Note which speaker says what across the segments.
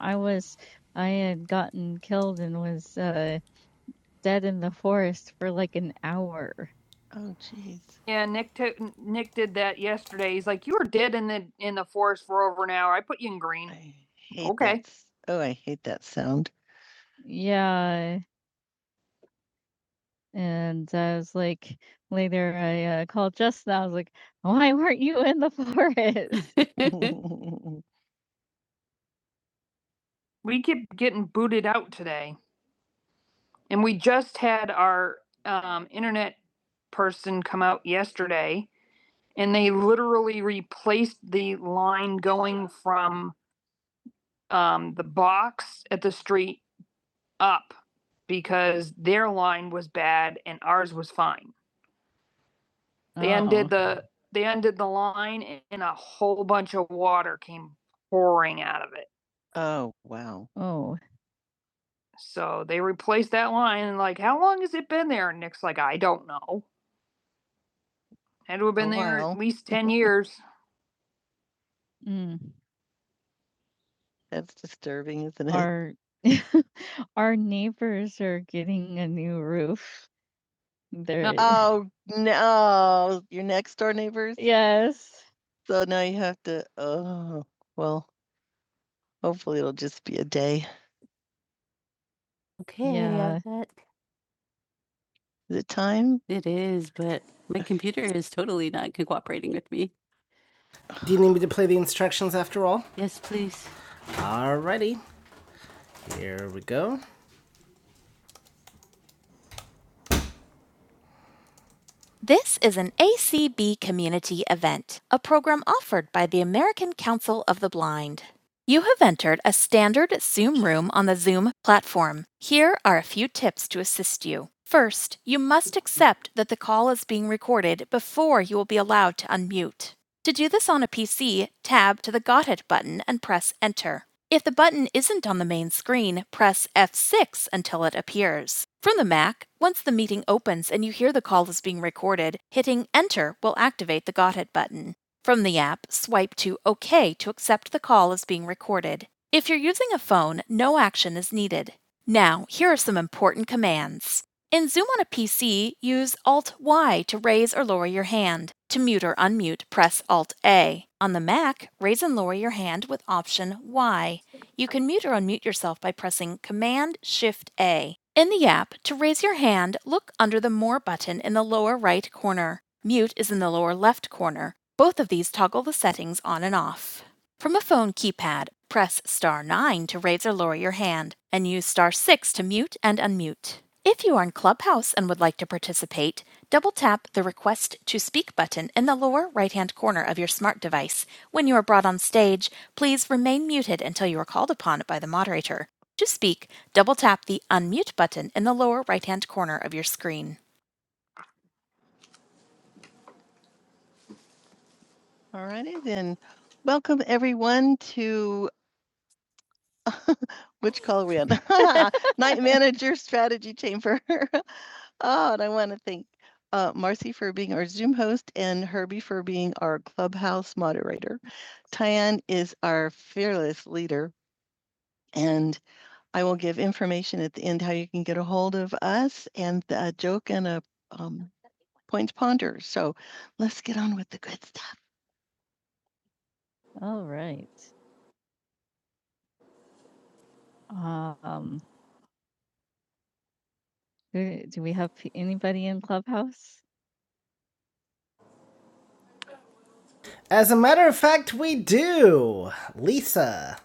Speaker 1: I was I had gotten killed and was uh, dead in the forest for like an hour. Yeah, Nick took Nick did that yesterday. He's like, "You were dead in the in the forest for over an hour. I put you in green." I hate Okay. that Oh, I hate that sound. Yeah, and I was like later I uh, called Justin. I was like, "Why weren't you in the forest?" We kept getting booted out today. And we just had our um, internet person come out yesterday and they literally replaced the line going from um, the box at the street up because their line was bad and ours was fine. They uh-huh. ended the they ended the line and a whole bunch of water came pouring out of it. Oh, wow. Oh, So they replaced that line and like, how long has it been there? And Nick's like, I don't know. Had to have been there at least ten years, Mm, That's disturbing, isn't it? our our neighbors are getting a new roof. They're Oh, no, your next door neighbors? yes. So now you have to, oh, well, hopefully it'll just be a day. Okay, Yeah. i Is it time? it is, but my computer is totally not cooperating with me. Do you need me to play the instructions after all? Yes, please. Alrighty, here we go. This is an ACB community event, a program offered by the American Council of the Blind. You have entered a standard Zoom room on the Zoom platform. Here are a few tips to assist you. First, you must accept that the call is being recorded before you will be allowed to unmute. To do this on a PC, tab to the Got It button and press Enter. If the button isn't on the main screen, press F6 until it appears. From the Mac, once the meeting opens and you hear the call is being recorded, hitting Enter will activate the Got It button. From the app, swipe to OK to accept the call as being recorded. If you're using a phone, no action is needed. Now, here are some important commands. In Zoom on a PC, use Alt Y to raise or lower your hand. To mute or unmute, press Alt A. On the Mac, raise and lower your hand with Option Y. You can mute or unmute yourself by pressing Command Shift A. In the app, to raise your hand, look under the More button in the lower right corner. Mute is in the lower left corner. Both of these toggle the settings on and off. From a phone keypad, press star 9 to raise or lower your hand, and use star 6 to mute and unmute. If you are in Clubhouse and would like to participate, double tap the Request to Speak button in the lower right hand corner of your smart device. When you are brought on stage, please remain muted until you are called upon by the moderator. To speak, double tap the Unmute button in the lower right hand corner of your screen. All righty then. Welcome everyone to Which call are we on? Night manager strategy chamber. Oh, and I want to thank uh, Marcy for being our Zoom host and Herbie for being our clubhouse moderator. Tyann is our fearless leader. And I will give information at the end how you can get a hold of us and a joke and a um, point to ponder. So let's get on with the good stuff. All right. Um, do, we have anybody in Clubhouse? As a matter of fact, we do. Lisa.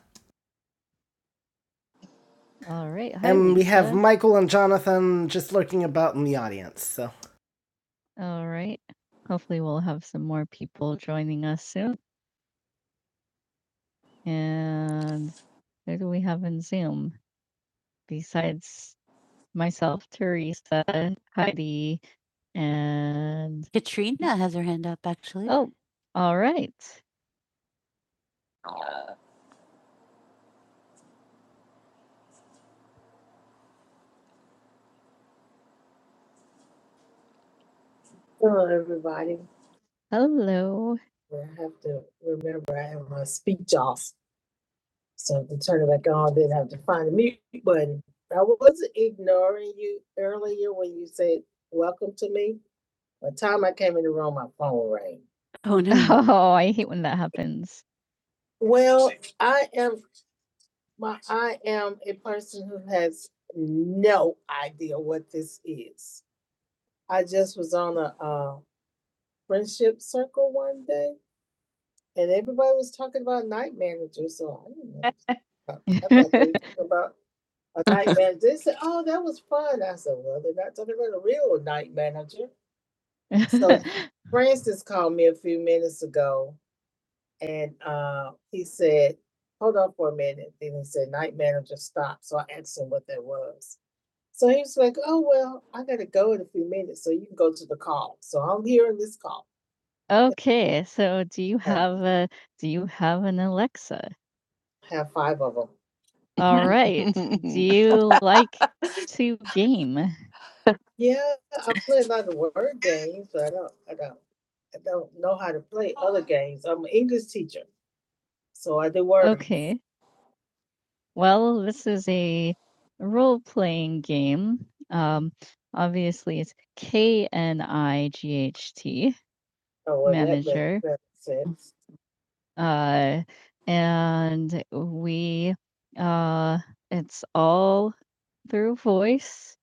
Speaker 1: All right. Hi, and Lisa. we have Michael and Jonathan just lurking about in the audience. So All right. Hopefully, we'll have some more people joining us soon. And who do we have in Zoom besides myself, Teresa, Heidi, and Katrina has her hand up, actually. oh, all right. Hello, everybody. Hello. I have to remember I have my speech off. So to turn it back on, didn't have to find the mute button. I was ignoring you earlier when you said welcome to me. By the time I came in the room, my phone rang. Oh no. Oh, I hate when that happens. Well, I am, my, I am a person who has no idea what this is. I just was on a, uh, friendship circle one day and everybody was talking about night managers, so I didn't know. About a night manager. They said, "Oh, that was fun." I said, "Well, they're not talking about a real night manager." So- Francis called me a few minutes ago, and uh, he said, "Hold on for a minute." Then he said, "Night manager, stop." So I asked him what that was. So he was like, "Oh well, I gotta go in a few minutes, so you can go to the call." So I'm hearing this call. okay, so do you Yeah, have a do you have an Alexa? I have five of them. All right. Do you like to game? Yeah, I play a lot of word games, but I don't, I don't, I don't know how to play other games. I'm an English teacher, so I do word. Okay. Well, this is a role playing game. Um, obviously, it's K N I G H T. Oh, well, Manager. that makes Manager. better sense. Uh, and we, uh, it's all through voice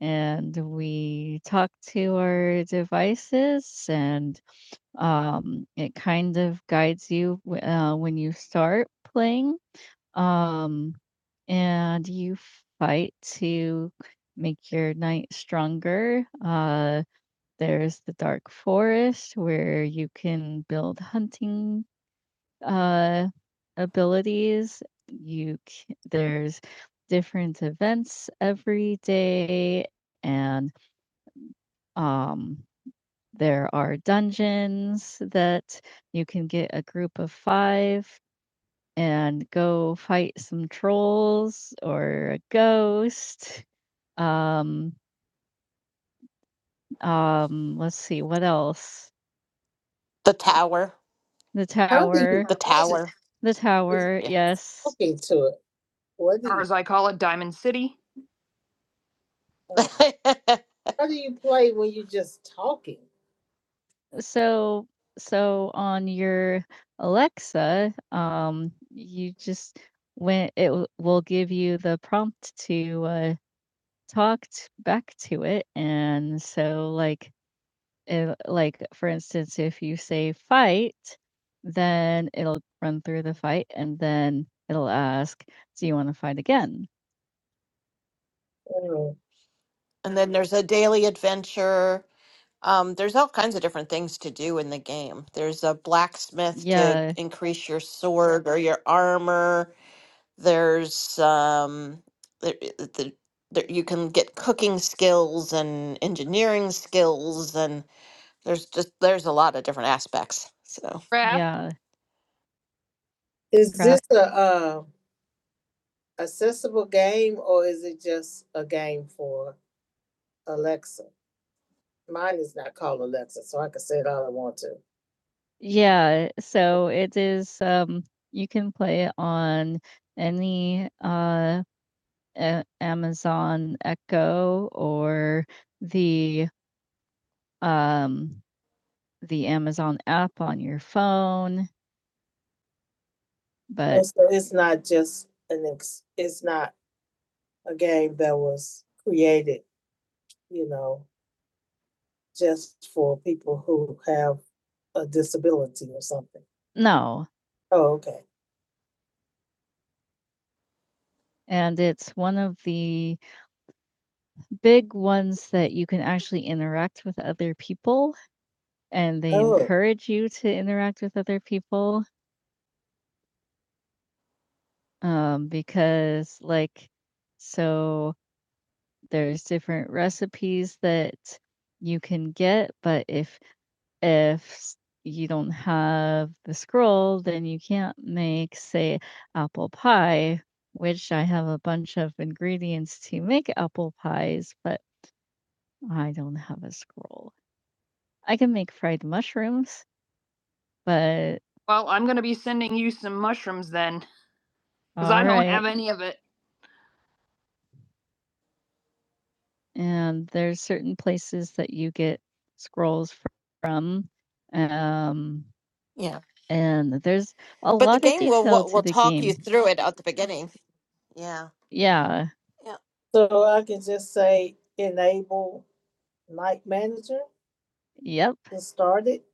Speaker 1: and we talk to our devices and um, it kind of guides you w- uh, when you start playing um, and you fight to make your night stronger uh, there's the dark forest where you can build hunting uh abilities. You c- there's different events every day and um there are dungeons that you can get a group of 5 and go fight some trolls or a ghost. Um um let's see what else.
Speaker 2: The Tower.
Speaker 1: The I don't think it
Speaker 2: The
Speaker 1: tower, wasn't
Speaker 2: Tower.
Speaker 1: the tower,
Speaker 2: Yeah.
Speaker 1: yes. talking to it, wasn't Or it? as I call it, Diamond City. Oh. How do you play when you're just talking? So so on your Alexa, um, you just when it w- will give you the prompt to uh, talk t- back to it, and so like if, like for instance, if you say fight, then it'll run through the fight, and then it'll ask, "Do you want to fight again?" Oh.
Speaker 2: and then there's a daily adventure. Um, there's all kinds of different things to do in the game. There's a blacksmith to
Speaker 1: Yeah,
Speaker 2: increase your sword or your armor. There's um, there, the, there, you can get cooking skills and engineering skills, and there's just there's a lot of different aspects. So
Speaker 1: Raph, yeah, Is crap. this craft. a uh, accessible game or is it just a game for Alexa? Mine is not called Alexa, so I can say it all I want to. Yeah, so it is um you can play it on any uh a- Amazon Echo or the um the Amazon app on your phone, Oh, but So it's not just an ex- it's not a game that was created, you know, just for people who have a disability or something. No. Oh, okay. And it's one of the big ones that you can actually interact with other people, and they Oh. encourage you to interact with other people. Um, because, like, so there's different recipes that you can get, but if if you don't have the scroll, then you can't make, say, apple pie, which I have a bunch of ingredients to make apple pies, but I don't have a scroll. I can make fried mushrooms, but Well, I'm gonna be sending you some mushrooms then, because All I don't right. have right. any of it. And there's certain places that you get scrolls fr- from. Um,
Speaker 2: yeah,
Speaker 1: and there's a
Speaker 2: but the
Speaker 1: lot of
Speaker 2: game will
Speaker 1: detail
Speaker 2: will
Speaker 1: to
Speaker 2: will
Speaker 1: the
Speaker 2: talk you
Speaker 1: game.
Speaker 2: through it at the beginning. Yeah.
Speaker 1: Yeah. So I can just say enable night manager Yep, and start it.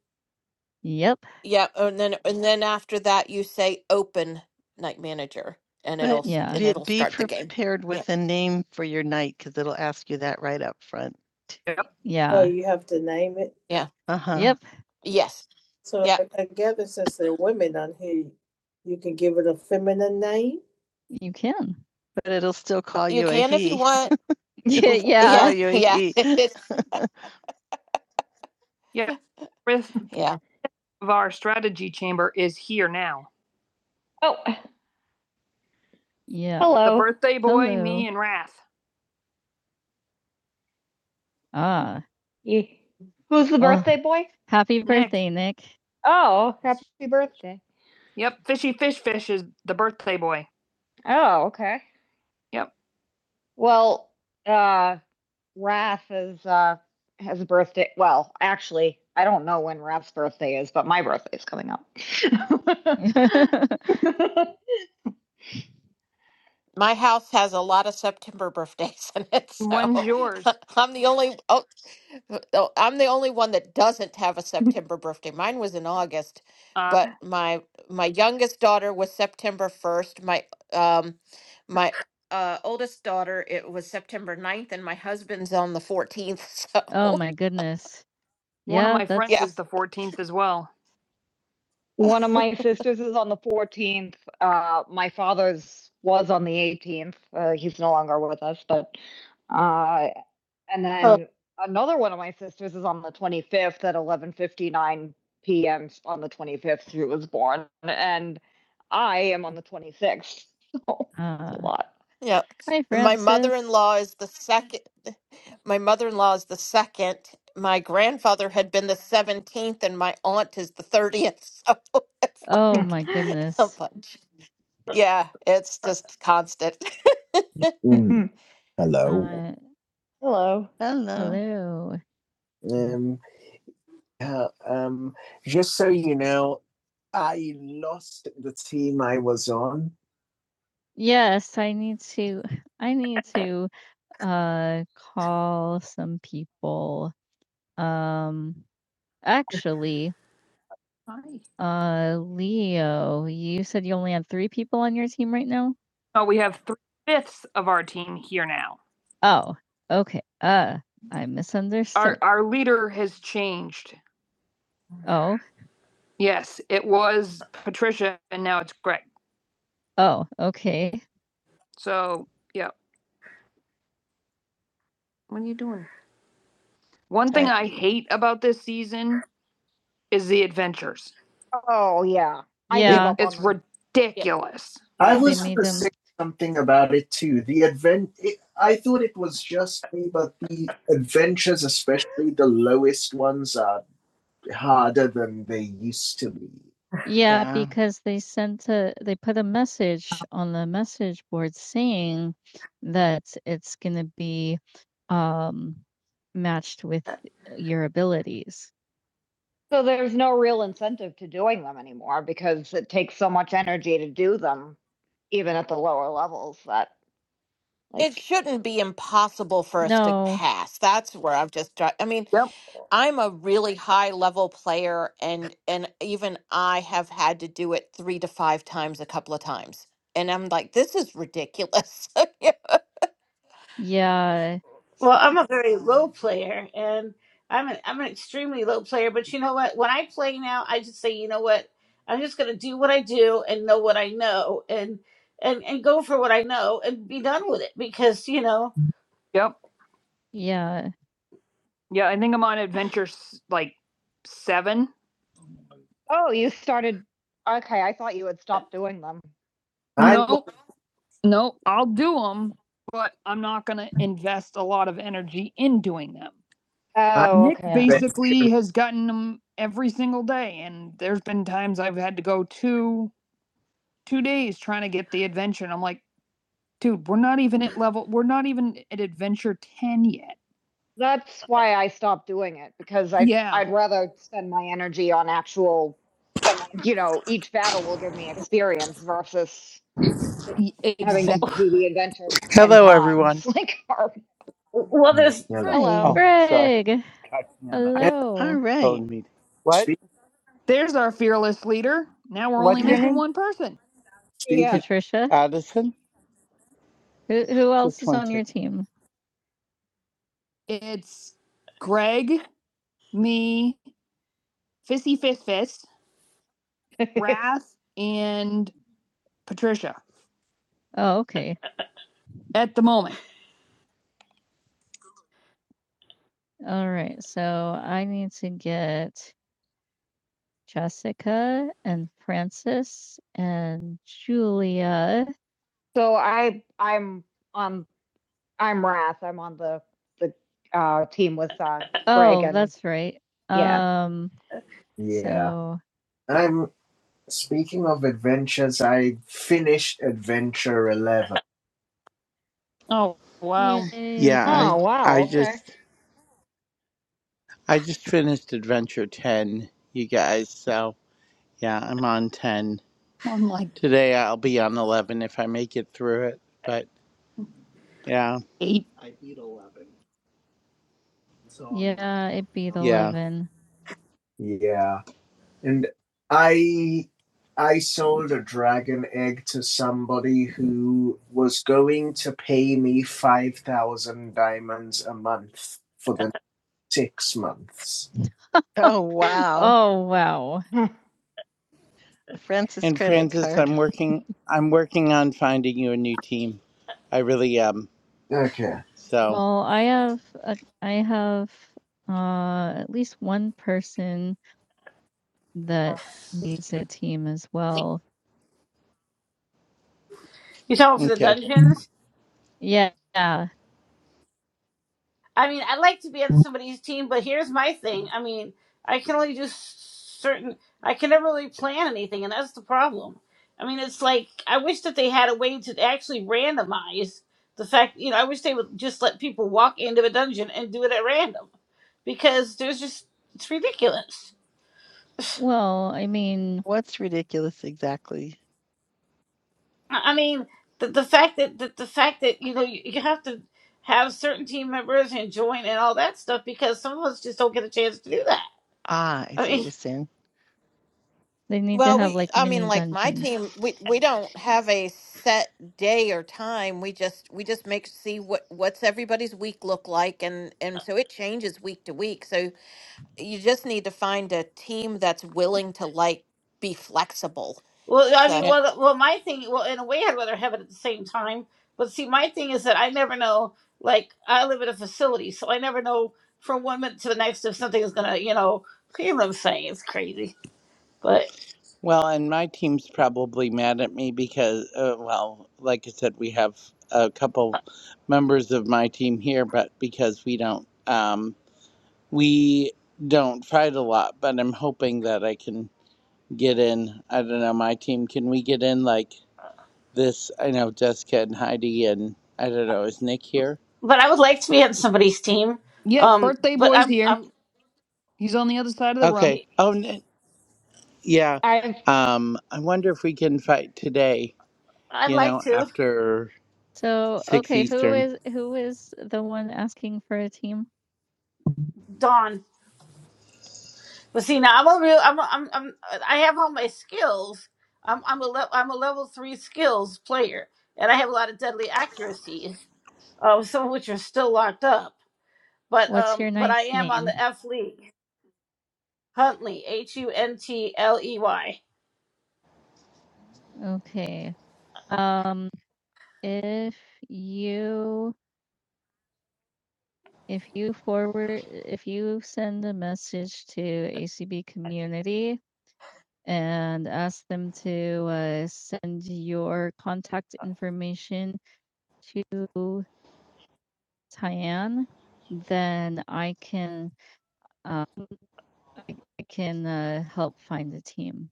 Speaker 1: yep,
Speaker 2: Yeah, and then and then after that you say open night manager and it'll
Speaker 1: But
Speaker 2: s-
Speaker 1: yeah.
Speaker 2: and
Speaker 1: be,
Speaker 2: it'll
Speaker 1: be
Speaker 2: start the game.
Speaker 1: prepared
Speaker 2: Yeah.
Speaker 1: with a name for your night because it'll ask you that right up front. So Yeah. you have to name it.
Speaker 2: Yeah.
Speaker 1: Uh-huh. Yep.
Speaker 2: Yes.
Speaker 1: So
Speaker 2: Yeah.
Speaker 1: I- I gather since there are women on here, you can give it a feminine name. You can. But it'll still call
Speaker 2: You
Speaker 1: you a
Speaker 2: can if you
Speaker 1: he.
Speaker 2: want.
Speaker 1: Yeah. It'll still Call
Speaker 2: Yeah.
Speaker 1: Yeah. you a
Speaker 2: Yeah.
Speaker 1: he. Riff
Speaker 2: yeah.
Speaker 1: of our strategy chamber is here now. Oh, Yeah. The hello. The birthday boy, Hello. me and Wrath. Ah, yeah. Who's the Well- birthday oh. boy? happy birthday, Nick. Nick. Oh, happy birthday. Yep, Fishy Fish Fish is the birthday boy. Oh, okay. Yep. Well, uh, Wrath is, uh, has a birthday. Well, actually, I don't know when Wrath's birthday is, but my birthday is coming up.
Speaker 2: My house has a lot of September birthdays in it,
Speaker 1: When's
Speaker 2: so
Speaker 1: yours?
Speaker 2: I'm the only oh, oh, I'm the only one that doesn't have a September birthday. Mine was in August,
Speaker 1: Uh,
Speaker 2: but my my youngest daughter was September 1st. My um my uh oldest daughter it was September ninth, and my husband's on the 14th.
Speaker 1: oh
Speaker 2: So,
Speaker 1: my goodness. One of Yeah, my friends
Speaker 2: yeah.
Speaker 1: is that's- the fourteenth as well. One of my sisters is on the 14th. Uh, my father's was on the 18th. Uh, he's no longer with us, but uh, and
Speaker 3: Oh,
Speaker 1: then another one of my sisters is on the 25th at 11:59 p.m. on the 25th. She was born, and I am on the 26th. So Uh, it's a Uh, lot.
Speaker 2: Yeah.
Speaker 1: hi,
Speaker 2: My
Speaker 1: Francis.
Speaker 2: mother-in-law is the second. my mother-in-law is the second. My grandfather had been the 17th and my aunt is the 30th. So it's
Speaker 1: Oh my
Speaker 2: like a
Speaker 1: goodness.
Speaker 2: bunch. Yeah, it's just constant.
Speaker 1: Mm, Mhm. Hello. Uh, Hello. Hello. hello. Um, yeah, um, just so you know, I lost the team I was on. Yes, I need to I need to uh call some people. Um actually, Hi. uh Leo, you said you only had 3 people on your team right now? Oh, we have three fifths of our team here now. Oh, okay. Uh I misunderstood. Our our leader has changed. oh, Yes, it was Patricia and now it's Greg. Oh, okay. So, yeah, what are you doing? One thing I I hate about this season is the adventures. Oh, yeah. I Yeah. It's
Speaker 2: Yeah.
Speaker 1: ridiculous. I was made gonna say something about it too. The advent. It, I thought it was just me, but the adventures, especially the lowest ones, are harder than they used to be. Yeah, Yeah. because they sent a they put a message on the message board saying that it's going to be um matched with your abilities. So there's no real incentive to doing them anymore because it takes so much energy to do them, even at the lower levels that
Speaker 2: It
Speaker 1: like
Speaker 2: shouldn't be impossible for us to
Speaker 1: No.
Speaker 2: pass. That's where I've just dri- I mean,
Speaker 1: Yep.
Speaker 2: I'm a really high level player and and even I have had to do it 3 to 5 times a couple of times. And I'm like this is ridiculous.
Speaker 1: Yeah.
Speaker 3: well, I'm a very low player and I'm an I'm an extremely low player, but you know what? When I play now, I just say, you know what? I'm just going to do what I do and know what I know and and and go for what I know and be done with it because, you know,
Speaker 1: Yep. Yeah. Yeah, I think I'm on adventure like seven Oh, you started, okay, I thought you had stopped doing them. I- No, no, I'll do them, but I'm not gonna invest a lot of energy in doing them. Oh, Nick okay. basically has gotten them every single day, and there's been times I've had to go two two days trying to get the adventure. And I'm like, dude, we're not even at level. We're not even at adventure ten yet. That's why I stopped doing it because I, Yeah. I'd rather spend my energy on actual you know, each battle will give me experience versus Y- having to Exactly. do the adventure 10
Speaker 4: Hello, everyone.
Speaker 1: times. Like, or,
Speaker 3: well
Speaker 1: Yeah,
Speaker 3: there's
Speaker 1: Hello.
Speaker 4: Oh, sorry.
Speaker 1: Greg.
Speaker 4: Got me on a
Speaker 1: Hello. All right.
Speaker 4: phone meeting. What?
Speaker 1: There's our fearless leader. Now we're only
Speaker 4: What's your
Speaker 1: missing
Speaker 4: name?
Speaker 1: one person. yeah. Patricia.
Speaker 4: Addison.
Speaker 1: Who, who else
Speaker 4: Just
Speaker 1: is
Speaker 4: one
Speaker 1: on your
Speaker 4: second.
Speaker 1: team? It's Greg, me, Fissy Fist Fist, Wrath, and Patricia Oh, okay. at the moment. All right, so I need to get Jessica and Francis and Julia. So I I'm on I'm Wrath. I'm on the the uh team with uh Greg Oh, and that's right. yeah. Um, Yeah. so I'm speaking of adventures, I finished adventure 11. Oh, wow. yay.
Speaker 4: Yeah,
Speaker 1: Oh
Speaker 4: I I
Speaker 1: wow, okay.
Speaker 4: just I just finished Adventure Ten, you guys. So yeah, I'm on ten
Speaker 1: I'm like
Speaker 4: today. I'll be on eleven if I make it through it. But yeah,
Speaker 1: eight. I beat 11. So Yeah, it beat
Speaker 4: yeah.
Speaker 1: 11. yeah, and I I sold a dragon egg to somebody who was going to pay me five thousand diamonds a month for the six months. Oh wow. Oh, wow. Francis
Speaker 4: And
Speaker 1: credit
Speaker 4: Francis,
Speaker 1: card.
Speaker 4: I'm working. I'm working on finding you a new team. I really am.
Speaker 1: Okay.
Speaker 4: So
Speaker 1: Well, I have a, I have uh at least one person that needs a team as well.
Speaker 3: you talking for the
Speaker 4: okay.
Speaker 3: dungeons?
Speaker 1: Yeah, yeah.
Speaker 3: I mean, I'd like to be on somebody's team, but here's my thing. I mean, I can only do certain. I can never really plan anything, and that's the problem. I mean, it's like I wish that they had a way to actually randomize the fact. You know, I wish they would just let people walk into a dungeon and do it at random because there's just it's ridiculous. I
Speaker 1: Well, I mean, What's ridiculous exactly?
Speaker 3: I mean, the the fact that that the fact that you know you, you have to have certain team members and join and all that stuff because some of us just don't get a chance to do that.
Speaker 1: Ah, I
Speaker 3: I
Speaker 1: see
Speaker 3: mean.
Speaker 1: what you're saying. they need to
Speaker 2: Well,
Speaker 1: have
Speaker 2: we,
Speaker 1: like
Speaker 2: I mean,
Speaker 1: mini
Speaker 2: like my
Speaker 1: dungeons.
Speaker 2: team, we we don't have a set day or time. We just we just make see what what's everybody's week look like, and and so it changes week to week. So you just need to find a team that's willing to like be flexible.
Speaker 3: Well, I
Speaker 2: So
Speaker 3: mean, well, well, my thing, well, in a way, I'd rather have it at the same time. But see, my thing is that I never know. Like, I live in a facility, so I never know from one minute to the next if something is gonna, you know, you know what I'm saying? It's crazy. But
Speaker 4: Well, and my team's probably mad at me because, uh, well, like I said, we have a couple members of my team here, but because we don't, um, we don't fight a lot. But I'm hoping that I can get in. I don't know, my team. Can we get in like this? I know Jessica and Heidi, and I don't know, is Nick here?
Speaker 3: but I would like to be on somebody's team.
Speaker 1: Yep,
Speaker 3: Um,
Speaker 1: birthday
Speaker 3: but
Speaker 1: boy's
Speaker 3: I'm
Speaker 1: here.
Speaker 3: I'm
Speaker 1: He's on the other side of the room.
Speaker 4: Okay. Oh, Nick, yeah.
Speaker 1: I've
Speaker 4: Um, I wonder if we can fight today.
Speaker 3: I'd
Speaker 4: You
Speaker 3: like
Speaker 4: know,
Speaker 3: to
Speaker 4: after
Speaker 1: So,
Speaker 4: six
Speaker 1: okay, who
Speaker 4: Eastern.
Speaker 1: is who is the one asking for a team?
Speaker 3: Dawn. But see, now I'm a real I'm a, I'm I'm I have all my skills. I'm I'm a le- I'm a level three skills player, and I have a lot of deadly accuracies. Um, some of which are still locked up. but
Speaker 1: What's
Speaker 3: um,
Speaker 1: your
Speaker 3: but I
Speaker 1: knight's
Speaker 3: am on the
Speaker 1: name?
Speaker 3: F League. Huntley, H U N T L E Y.
Speaker 1: Okay. Um if you if you forward if you send a message to ACB community and ask them to uh, send your contact information to Tyann, then I can um, I, I can uh, help find the team.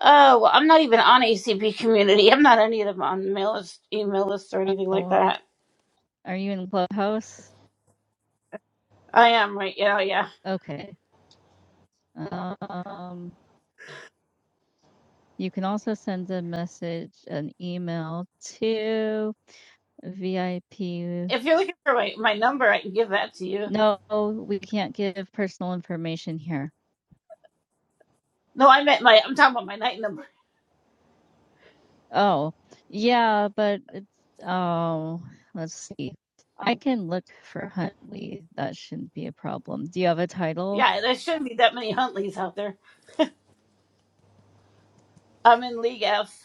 Speaker 3: Oh, well, I'm not even on ACP community. I'm not any of them on mail list, email list, or anything like
Speaker 1: Oh,
Speaker 3: that.
Speaker 1: are you in Clubhouse?
Speaker 3: I am right. You know, yeah.
Speaker 1: Okay. Um, you can also send a message, an email to VIP.
Speaker 3: If you're looking for my my number, I can give that to you.
Speaker 1: No, we can't give personal information here.
Speaker 3: No, I meant my. I'm talking about my night number.
Speaker 1: Oh, yeah, but it's oh, let's see. I can look for Huntley. That shouldn't be a problem. Do you have a title?
Speaker 3: Yeah, there shouldn't be that many Huntleys out there. I'm in League F.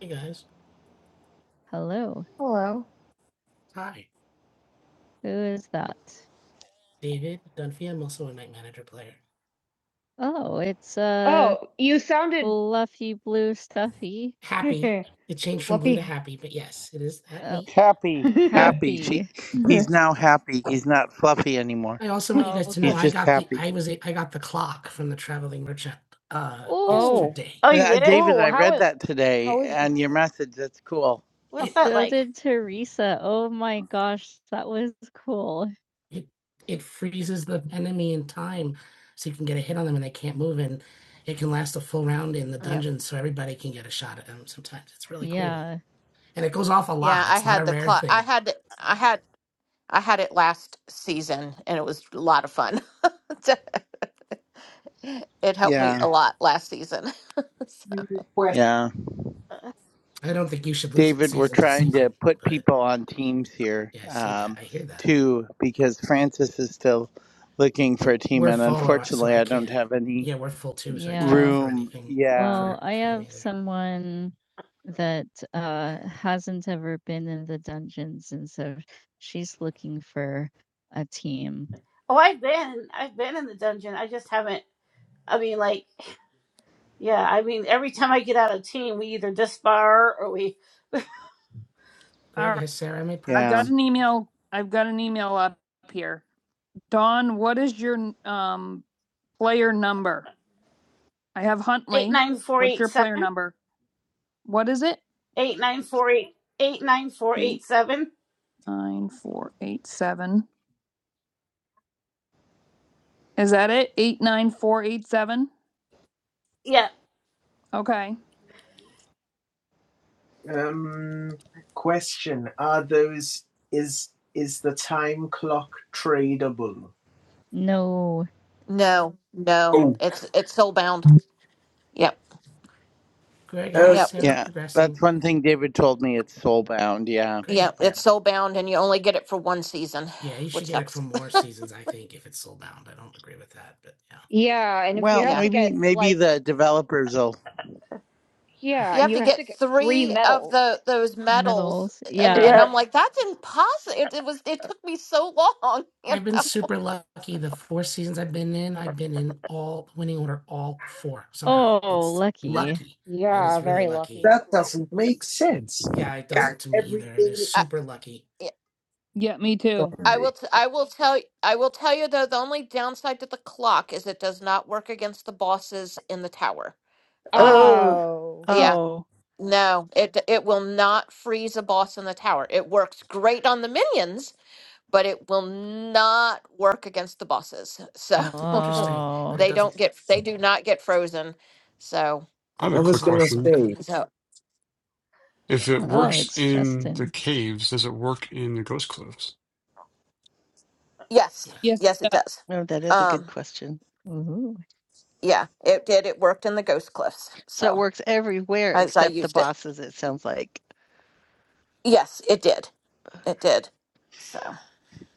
Speaker 1: Hey guys. Hello. Hello. Hi. Who is that? David Dunphy. I'm also a night manager player. Oh, it's uh Oh, you sounded fluffy blue stuffy. Happy. It changed from Fluffy. blue to happy. Is that Oh.
Speaker 4: Happy,
Speaker 1: me?
Speaker 4: happy. She,
Speaker 1: Happy.
Speaker 4: he's now happy. He's not fluffy anymore.
Speaker 1: Also want you guys Oh. to
Speaker 4: He's
Speaker 1: know I
Speaker 3: oh,
Speaker 4: just
Speaker 1: think
Speaker 4: happy.
Speaker 1: I was a, I got uh Oh. yesterday.
Speaker 3: you
Speaker 4: Uh,
Speaker 3: did?
Speaker 4: David,
Speaker 1: Oh,
Speaker 4: I
Speaker 1: how
Speaker 4: read
Speaker 1: is
Speaker 4: that today,
Speaker 1: how is
Speaker 4: and your message. That's cool.
Speaker 3: What's
Speaker 1: it
Speaker 3: that
Speaker 1: So
Speaker 3: like?
Speaker 1: did Teresa. Oh my gosh, that was cool. It it freezes the enemy in time, so you can get a hit on them and they can't. move. It can last a full round.
Speaker 2: yeah,
Speaker 1: Really cool. Yeah.
Speaker 2: yeah, I had the clock. I
Speaker 1: thing.
Speaker 2: had I had I had it last season, and it was a lot of fun. It helped me
Speaker 4: Yeah,
Speaker 2: a lot last season. So,
Speaker 1: Where-
Speaker 4: yeah.
Speaker 1: I don't lose it
Speaker 4: David, we're
Speaker 1: season to
Speaker 4: trying to
Speaker 1: season,
Speaker 4: put
Speaker 1: but
Speaker 4: people on teams here,
Speaker 1: yeah, I see
Speaker 4: um,
Speaker 1: that. I hear that.
Speaker 4: too, because Francis is still looking
Speaker 1: You
Speaker 4: for
Speaker 1: know,
Speaker 4: a team,
Speaker 1: we're
Speaker 4: and
Speaker 1: full, or, so
Speaker 4: unfortunately,
Speaker 1: I
Speaker 4: I don't
Speaker 1: can't.
Speaker 4: have any
Speaker 1: Yeah, we're full too, so I Yeah. can't Yeah. offer
Speaker 4: room.
Speaker 1: anything.
Speaker 4: Yeah,
Speaker 1: Well, for I for them have me someone that uh hasn't ever been in the dungeons and so she's looking for a team.
Speaker 3: Oh, I've been, I've been in the dungeon. I just haven't. I mean, like. Yeah, I mean, every time I get out of team, we either disbar or we
Speaker 1: All right. has Sarah made progress? I've got
Speaker 4: yeah,
Speaker 1: an email, I've got an email up here. Don, what is your, um, player number? I have
Speaker 3: eight
Speaker 1: Huntley.
Speaker 3: nine four
Speaker 1: What's
Speaker 3: eight
Speaker 1: your
Speaker 3: seven
Speaker 1: player number? What is it?
Speaker 3: eight nine four eight eight nine four
Speaker 1: Eight,
Speaker 3: eight seven.
Speaker 1: nine, four, eight, seven. Is that it? Eight, nine, four, eight, seven?
Speaker 3: Yeah,
Speaker 1: Okay. Um, question: Are those is is the time clock tradable? No.
Speaker 2: no, no,
Speaker 1: Oh,
Speaker 2: it's it's soulbound. Yep.
Speaker 1: Greg Uh,
Speaker 2: Yep.
Speaker 1: Sarah,
Speaker 4: yeah. That's one thing David told me. It's soul bound. Yeah,
Speaker 1: Greg
Speaker 2: Yep.
Speaker 4: yeah.
Speaker 2: It's soul bound and you only get it for one season,
Speaker 1: should
Speaker 2: which
Speaker 1: get it
Speaker 2: sucks.
Speaker 1: from with that. Yeah, and if you
Speaker 4: Well,
Speaker 1: have
Speaker 2: Yeah.
Speaker 1: to
Speaker 4: maybe
Speaker 1: get
Speaker 4: maybe
Speaker 1: like
Speaker 4: the developers will
Speaker 1: yeah,
Speaker 2: You
Speaker 1: and
Speaker 2: have to
Speaker 1: you have to
Speaker 2: get
Speaker 1: get 3
Speaker 2: three of
Speaker 1: medals.
Speaker 2: the those medals
Speaker 1: Medals,
Speaker 2: and and
Speaker 1: yeah.
Speaker 3: yeah.
Speaker 2: I'm like, that's impossible. It, it was it took me so long, you
Speaker 1: I've been
Speaker 2: know.
Speaker 1: super lucky. The four seasons I've been in, I've been in all four. somehow. Oh, It's lucky. Lucky. Yeah, really very really lucky. lucky. That doesn't make sense. Yeah, it doesn't to me either. everything-
Speaker 2: I,
Speaker 1: super
Speaker 2: yeah,
Speaker 1: Yeah, me too.
Speaker 2: I will
Speaker 1: Sorry.
Speaker 2: t- I will tell y- I will tell you though the only downside to the clock is it does not work against the bosses in the tower. Um
Speaker 3: Oh,
Speaker 1: Oh.
Speaker 2: yeah.
Speaker 1: Oh,
Speaker 2: No, it it will not freeze a boss in the tower. It works great on the minions, but it will not work against the bosses. So
Speaker 1: interesting, Oh, It's interesting, but it
Speaker 2: they
Speaker 1: doesn't.
Speaker 2: don't get they do not get frozen. So
Speaker 5: I have a
Speaker 1: I was
Speaker 5: quick
Speaker 1: gonna
Speaker 5: question.
Speaker 1: say,
Speaker 2: so yeah.
Speaker 5: If it
Speaker 1: oh,
Speaker 5: works
Speaker 1: it's
Speaker 5: in the
Speaker 1: Justin.
Speaker 5: caves, does it work in the ghost cliffs?
Speaker 2: yes,
Speaker 1: Yeah. yes, it
Speaker 2: yes it
Speaker 1: does.
Speaker 2: does.
Speaker 1: Oh, that is a good
Speaker 2: Um
Speaker 1: question. Ooh.
Speaker 2: yeah, it did. It worked in the Ghost Cliffs.
Speaker 1: So it
Speaker 2: So
Speaker 1: works everywhere
Speaker 2: as I
Speaker 1: except the
Speaker 2: used it.
Speaker 1: bosses, it sounds like.
Speaker 2: Yes, it did. It did. So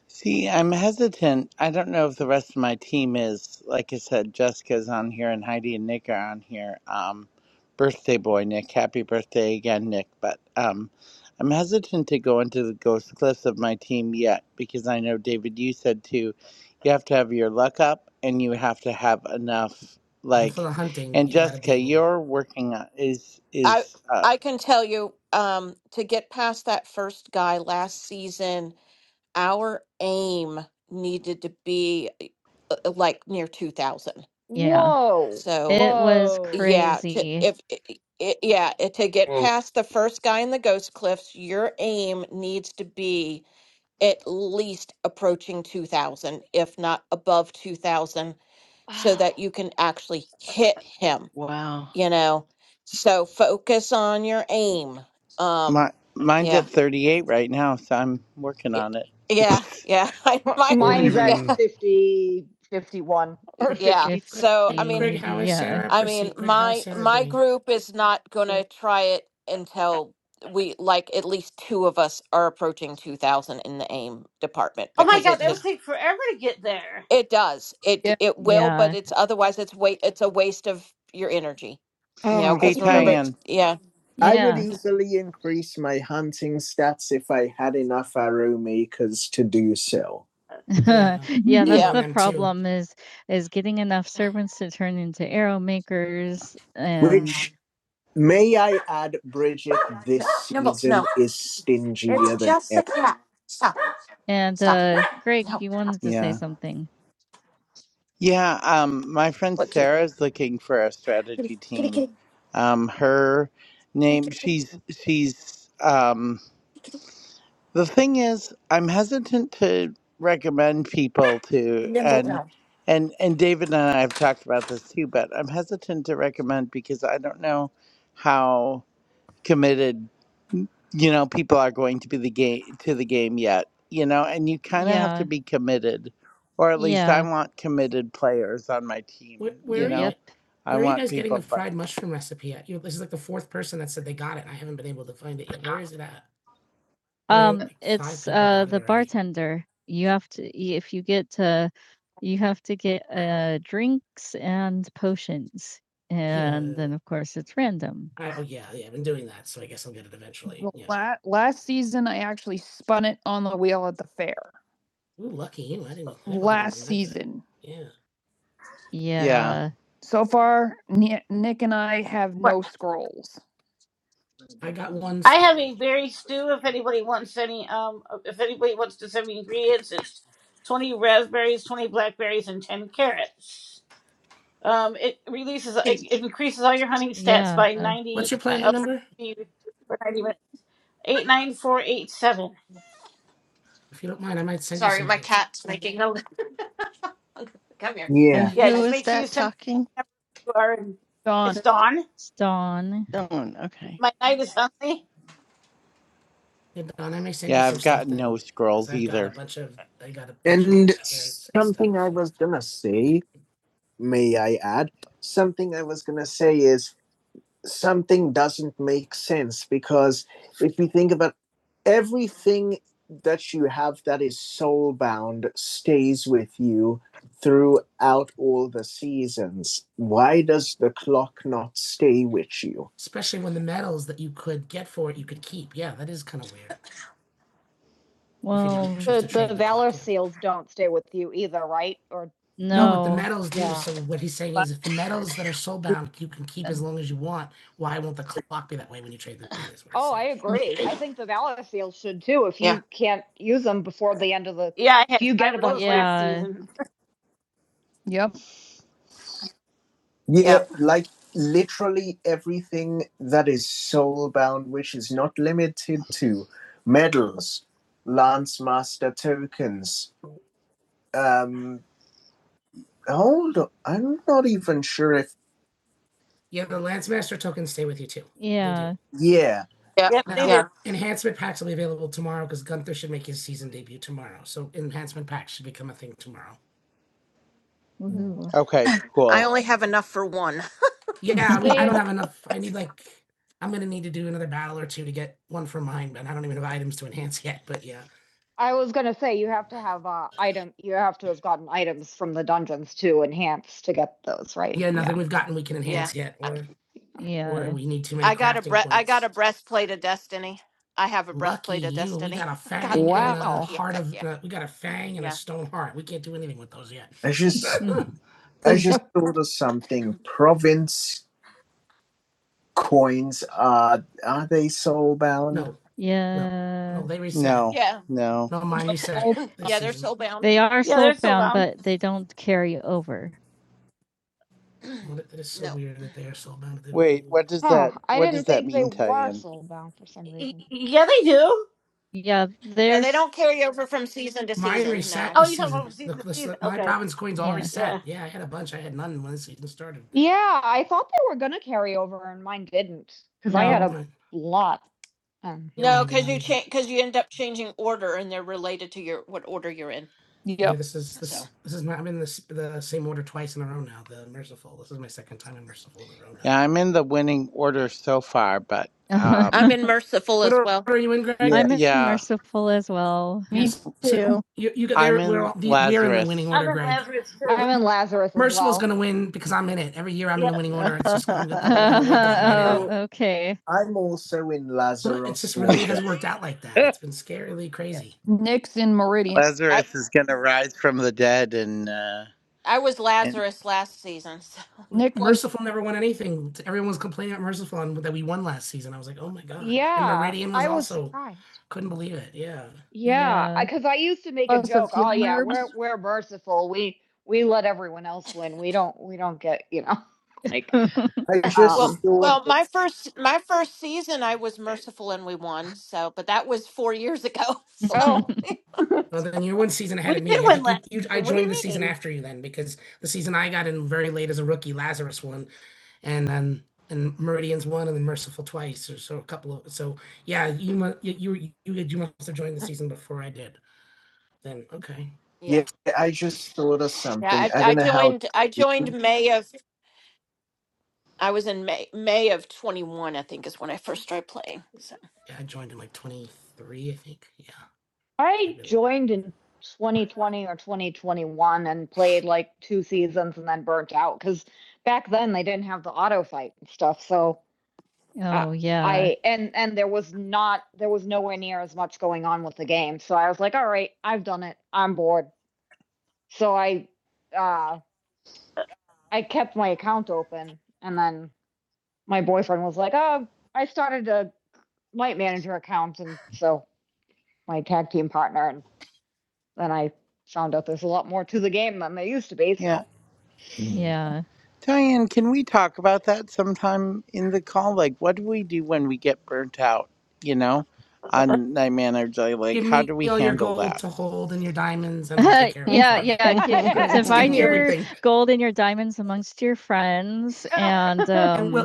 Speaker 4: See, I'm hesitant. I don't know if the rest of my team is. Like I said, Jessica's on here and Heidi and Nick are on here. Um, birthday boy, Nick. Happy birthday again, Nick. But um, I'm hesitant to go into the ghost cliffs of my team yet because I know, David, you said too, you have to have your luck up and you have to have enough. Like, and Jessica, you're working on is
Speaker 2: I
Speaker 4: is uh,
Speaker 2: I can tell you um to get past that first guy last season, our aim needed to be uh, uh, like near 2000.
Speaker 1: Yeah. Whoa. It
Speaker 2: So
Speaker 1: Whoa. was
Speaker 2: Yeah, to,
Speaker 1: crazy.
Speaker 2: if i i yeah, it, to get
Speaker 5: Well,
Speaker 2: past the first guy in the Ghost Cliffs, your aim needs to be at least approaching 2000, if not above 2000, so
Speaker 1: Oh,
Speaker 2: that you can actually hit him,
Speaker 1: Wow.
Speaker 2: you know. So focus on your aim. Um
Speaker 4: my mine's
Speaker 2: yeah.
Speaker 4: at 38 right now, so I'm working
Speaker 2: y-
Speaker 4: on it.
Speaker 2: Yeah, yeah. I my
Speaker 5: well,
Speaker 1: Mine's Yeah.
Speaker 2: yeah,
Speaker 1: at
Speaker 5: even
Speaker 1: 50, 51, or
Speaker 2: yeah.
Speaker 1: 50.
Speaker 2: So I
Speaker 1: If
Speaker 2: mean
Speaker 1: Greg, how is yeah, Sarah
Speaker 2: I mean,
Speaker 1: proceed? Greg, how is
Speaker 2: my
Speaker 1: Sarah
Speaker 2: my
Speaker 1: doing?
Speaker 2: group is not going to try it until we like at least two of us are approaching 2000 in the aim department
Speaker 3: oh my
Speaker 2: because
Speaker 3: God,
Speaker 2: it's
Speaker 3: that
Speaker 1: Yeah.
Speaker 3: would
Speaker 2: just
Speaker 3: take forever to get there.
Speaker 2: it does. It
Speaker 1: yeah.
Speaker 2: it will, but
Speaker 1: Yeah.
Speaker 2: it's otherwise it's wait it's a waste of your energy. You know,
Speaker 1: Oh,
Speaker 4: Hey,
Speaker 2: cuz remember it's
Speaker 4: Tyann.
Speaker 2: yeah.
Speaker 1: Yeah. I would Yeah.
Speaker 2: Yeah.
Speaker 1: easily increase my hunting stats if I had enough aromikas to do so. yeah, Mhm. that's
Speaker 2: Yeah.
Speaker 1: the them too. problem is is getting enough servants to turn into arrow makers and Which, may I add, Bridget,
Speaker 2: No,
Speaker 1: this
Speaker 2: Nimble, no.
Speaker 1: season is
Speaker 2: It's
Speaker 1: stingier than
Speaker 2: just a
Speaker 1: ever.
Speaker 2: cat. Stop.
Speaker 1: and
Speaker 2: Stop.
Speaker 1: uh Greg,
Speaker 2: No. stop.
Speaker 1: you wanted to say
Speaker 4: Yeah.
Speaker 1: something.
Speaker 4: Yeah, um, my friend
Speaker 2: What kitty?
Speaker 4: Sarah's looking for a
Speaker 2: Kitty,
Speaker 4: strategy
Speaker 2: kitty,
Speaker 4: team.
Speaker 2: kitty,
Speaker 4: Um, her
Speaker 2: kitty,
Speaker 4: name,
Speaker 2: kitty. kitty.
Speaker 4: she's she's. Um, the thing is, I'm hesitant to recommend people to,
Speaker 2: Nimble,
Speaker 4: and
Speaker 2: no.
Speaker 4: and and David and I have talked about this too, but I'm hesitant to recommend because I don't know how committed you know people are going to be the game to the game yet you know and you kind of have to
Speaker 1: Yeah.
Speaker 4: be committed or at least
Speaker 1: Yeah.
Speaker 4: i want committed players on my team
Speaker 1: Where where
Speaker 4: you
Speaker 1: are Mm, you Yep.
Speaker 4: know i
Speaker 1: where are you
Speaker 4: want
Speaker 1: guys getting the
Speaker 4: people but
Speaker 1: fried mushroom recipe at? You this is like the fourth person that said they got it. and I haven't been able to find it yet. Where is it at? I know Um, like five it's people uh got it the already. bartender. You have to y- if you get uh you have to get uh drinks and potions. And Yeah. then of course it's random. I, oh yeah, yeah. I've been doing that, so I guess I'll get it eventually. Well, Yeah. la- last season, I actually spun it on the wheel at the fair. Ooh, lucky you! I didn't. I never even Last read that. season. Yeah.
Speaker 4: yeah
Speaker 1: Yeah. So far, Ni- Nick and I have
Speaker 2: What?
Speaker 1: no scrolls. I got one
Speaker 3: I have
Speaker 1: scroll.
Speaker 3: a berry stew. If anybody wants any, um, if anybody wants to send me ingredients, it's twenty raspberries, twenty blackberries, and ten carrots. Um, it releases, it
Speaker 2: Kitty.
Speaker 3: it increases all your hunting stats
Speaker 1: Yeah.
Speaker 3: by ninety uh, up for 50 for ninety minutes. Eight nine four eight seven.
Speaker 1: If you don't mind, I might send you
Speaker 2: Sorry,
Speaker 1: some of
Speaker 2: my
Speaker 1: those.
Speaker 2: cat's making Come here. You need
Speaker 1: Yeah.
Speaker 2: to
Speaker 1: And
Speaker 2: be
Speaker 3: Yeah,
Speaker 1: Who
Speaker 2: fed.
Speaker 3: just
Speaker 1: is
Speaker 3: make sure you
Speaker 1: that
Speaker 3: send me
Speaker 1: talking?
Speaker 3: who you are. And it's
Speaker 1: Dawn,
Speaker 3: Dawn.
Speaker 1: It's Dawn. Dawn. Okay.
Speaker 3: My night is Sunday.
Speaker 1: Yeah, Don, I may send you
Speaker 4: yeah
Speaker 1: some
Speaker 4: i've got
Speaker 1: stuff
Speaker 4: no
Speaker 1: then, because
Speaker 4: scrolls
Speaker 1: I've got a
Speaker 4: either
Speaker 1: bunch of, I got a. bunch And variants something stuff. I was gonna say, may I add? Something I was gonna say is something doesn't make sense because if we think about everything that you have that is soul bound stays with you throughout all the seasons why does the clock not stay with you especially when the medals that you could get for it you could keep. Yeah, that is kind of weird. Well, Well, The, the valor seals don't stay with you either, right? Or no. no but the medals do. yeah. So what he's saying is, if the medals that are soulbound you can keep as long as you want, why won't the clock be that way when you trade them in? Is what he's oh, saying. I agree. I think the valor seals should too. If
Speaker 2: Yeah,
Speaker 1: you can't use them before the end of the,
Speaker 3: Yeah, I
Speaker 1: if
Speaker 3: had
Speaker 1: you get
Speaker 3: five
Speaker 1: a
Speaker 3: of
Speaker 1: bunch,
Speaker 3: those last
Speaker 1: yeah, of
Speaker 3: season.
Speaker 1: yeah. Yep.
Speaker 2: yeah,
Speaker 1: Yeah, like literally everything that is soulbound, which is not limited to medals, lance master tokens, um, hold on. I'm not even sure if yeah, the Lance tokens stay with you too. Yeah. yeah.
Speaker 2: yeah,
Speaker 3: yep, they
Speaker 1: Now,
Speaker 3: do.
Speaker 2: yeah.
Speaker 1: enhancement packs will be available tomorrow because Gunther should make his season debut tomorrow. So enhancement packs should become a thing tomorrow. Woohoo.
Speaker 4: okay
Speaker 2: I
Speaker 4: cool
Speaker 2: only have enough for one.
Speaker 1: Yeah, I, mean, I don't
Speaker 2: so
Speaker 1: have. I'm going I was gonna say you have to have uh item you have to have gotten items from the dungeons to enhance to get those, right? yeah, nothing yeah. we've gotten we can enhance
Speaker 2: yeah, I
Speaker 1: or, Yeah. or we need
Speaker 2: I got
Speaker 1: craft
Speaker 2: a bre- I got
Speaker 1: points.
Speaker 2: a breastplate of destiny. I have a breastplate of destiny. I
Speaker 1: fang
Speaker 2: got
Speaker 1: and a
Speaker 2: really
Speaker 1: Wow.
Speaker 2: lucky.
Speaker 1: heart
Speaker 2: Yeah,
Speaker 1: of
Speaker 2: yeah,
Speaker 1: uh, we got a fang and a
Speaker 2: yeah,
Speaker 1: stone heart. We can't do anything with those yet. I just I just thought of something. Province coins are are they soul bound? No, Yeah. no, they reset.
Speaker 4: no
Speaker 2: yeah.
Speaker 4: no
Speaker 1: No, mine reset Soul- this
Speaker 2: yeah they're
Speaker 1: season.
Speaker 2: soul bound.
Speaker 1: They are
Speaker 3: Yeah, they're still
Speaker 1: soulbound,
Speaker 3: down.
Speaker 1: but they don't carry over. Well, that that is so
Speaker 2: no,
Speaker 1: weird that they are so bound that they don't
Speaker 4: wait
Speaker 1: move.
Speaker 4: what does
Speaker 1: Huh,
Speaker 4: that
Speaker 1: I
Speaker 4: what
Speaker 1: didn't
Speaker 4: does that
Speaker 1: think they
Speaker 4: mean
Speaker 1: were
Speaker 4: Tyan?
Speaker 1: soul bound for some
Speaker 3: Y-
Speaker 1: reason.
Speaker 3: Yeah, they do.
Speaker 1: Yeah,
Speaker 2: no, they
Speaker 1: there's
Speaker 2: don't carry over from season to season. No,
Speaker 3: Oh, you talking about from
Speaker 2: Mm-mm.
Speaker 3: season to season? Okay.
Speaker 1: Coins all Yeah. reset.
Speaker 3: Yeah,
Speaker 1: Yeah, I thought they were gonna carry over and mine didn't, because no, I No, had a mine- lot. Um, Yeah,
Speaker 2: no,
Speaker 1: mine did
Speaker 2: because
Speaker 1: not
Speaker 2: you
Speaker 1: either.
Speaker 2: change because you end up changing order, and they're related to your what order you're in.
Speaker 1: Yeah, yep. this is
Speaker 2: So
Speaker 1: this this is not. I'm in this the same order twice in a row now. The merciful. This is my merciful in a
Speaker 4: yeah i'm in the winning order so far but
Speaker 1: row now.
Speaker 2: I'm
Speaker 4: um
Speaker 2: in merciful
Speaker 1: What
Speaker 2: as
Speaker 1: order
Speaker 2: well.
Speaker 1: are you in, Greg? Yeah. I'm in
Speaker 2: So.
Speaker 4: yeah
Speaker 1: merciful as well. Me too. You, you got
Speaker 4: i'm
Speaker 1: there. We're
Speaker 4: in
Speaker 1: all, we're in the winning
Speaker 4: lazarus
Speaker 3: I'm
Speaker 1: order,
Speaker 3: in
Speaker 1: Greg.
Speaker 3: Lazarus too.
Speaker 1: I'm in Lazarus. as Merciful's as well. gonna win because I'm in it. Every year I'm in
Speaker 3: Yeah.
Speaker 1: the winning order. It's just, gonna go- know. okay. I'm also in Lazarus. it just really has worked out like that. It's been scarily
Speaker 3: yeah.
Speaker 1: crazy. Nick's in Meridian.
Speaker 4: lazarus is gonna rise from the dead and uh
Speaker 2: I was
Speaker 4: in
Speaker 2: Lazarus last season. So.
Speaker 1: Nick merciful. Yeah, and Meridian was, I was also surprised. Yeah, because Yeah. because I, used to make Oh, a so joke. Oh yeah, funerals? we're we're merciful. We we let everyone else win. We don't we don't get you know like I just
Speaker 2: Well,
Speaker 1: Um, thought.
Speaker 2: well, my first my first season I was merciful and we won. So, but that was 4 years ago.
Speaker 3: Oh,
Speaker 2: So,
Speaker 1: oh Well, then you would.
Speaker 3: we did
Speaker 1: I
Speaker 3: win
Speaker 1: think you.
Speaker 3: last
Speaker 1: you I
Speaker 3: season. What do
Speaker 1: joined
Speaker 3: you
Speaker 1: the season.
Speaker 3: mean?
Speaker 2: yeah.
Speaker 1: yeah, I just thought of
Speaker 2: Yeah,
Speaker 1: something.
Speaker 2: I
Speaker 1: I
Speaker 2: I
Speaker 1: don't know how.
Speaker 2: joined I
Speaker 1: Yeah,
Speaker 2: joined May of I was in May May of 21, I think is when I first started playing. So.
Speaker 1: I joined 23. I joined in 2020 or 2021 and played like two seasons and then burnt out because back then they didn't have the auto fight and stuff. So Uh, Oh, yeah. I and and there was not there was nowhere near as much going on with the game. So I was like, all right, I've done it. I'm bored. So I uh I kept my account open and then my boyfriend was like, "Oh, I started a light manager account and so my tag team partner and then I found out there's a lot more to the game than there used to be,
Speaker 4: Yeah.
Speaker 1: so Yeah.
Speaker 4: Diane, can we talk about that sometime in the call? Like, what do we do when we get burnt out, you know, on night manager? Like, how do we handle that?
Speaker 1: Then we'll take yeah, it. yeah. Yeah. yeah. divide Taking your everything. gold and your diamonds amongst your friends and And we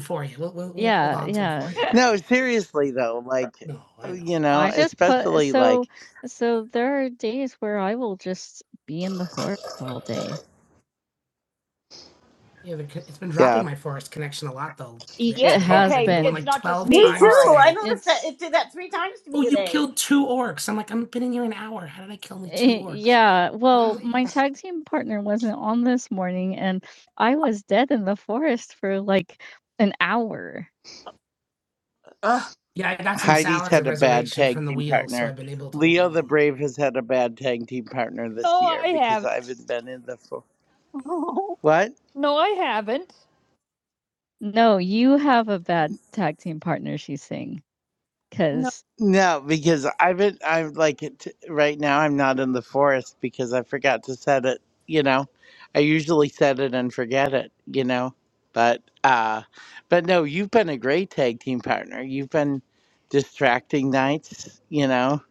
Speaker 1: for you. We'll, we'll, we'll Yeah, hold on to it yeah. it For you,
Speaker 4: No,
Speaker 1: Greg.
Speaker 4: seriously, though, like,
Speaker 1: No, I know.
Speaker 4: you know,
Speaker 1: I just put
Speaker 4: especially like,
Speaker 1: so so there are days where I will just be in the forest all day. Yeah, the, co- it's been dropping
Speaker 4: yeah,
Speaker 1: my forest connection a lot though. Rick. It It's has dropped been. it's like not just 12 me.
Speaker 3: Me
Speaker 1: times All times right.
Speaker 3: too. I
Speaker 1: today.
Speaker 3: noticed that
Speaker 1: It's
Speaker 3: it did that three times to me
Speaker 1: Oh, you
Speaker 3: today.
Speaker 1: killed two orcs. I'm like, I've been in here an hour. How did I kill only two eh, orcs? yeah, well, Why? my tag team partner wasn't on this morning and I was dead in the forest for like an hour.
Speaker 2: Ugh.
Speaker 1: Yeah, I got some
Speaker 4: Heidi's
Speaker 1: salads
Speaker 4: had
Speaker 1: of
Speaker 4: a bad
Speaker 1: reservation from
Speaker 4: tag
Speaker 1: the
Speaker 4: team
Speaker 1: wheel, so
Speaker 4: partner.
Speaker 1: I've been able to hold
Speaker 4: Leo the
Speaker 1: on.
Speaker 4: Brave has had a bad tag team partner this
Speaker 1: Oh,
Speaker 4: year
Speaker 1: I
Speaker 4: because I
Speaker 1: haven't.
Speaker 4: haven't been in the. Fo- what?
Speaker 1: no, I haven't. No, you have a bad tag team partner, she's saying. Because, no,
Speaker 4: No, because I've been, I'm like, it right now I'm not in the forest because I forgot to set it, you know. I usually set it and forget it, you know. But, uh, but no, you've been a great tag team partner. You've been distracting nights, you know.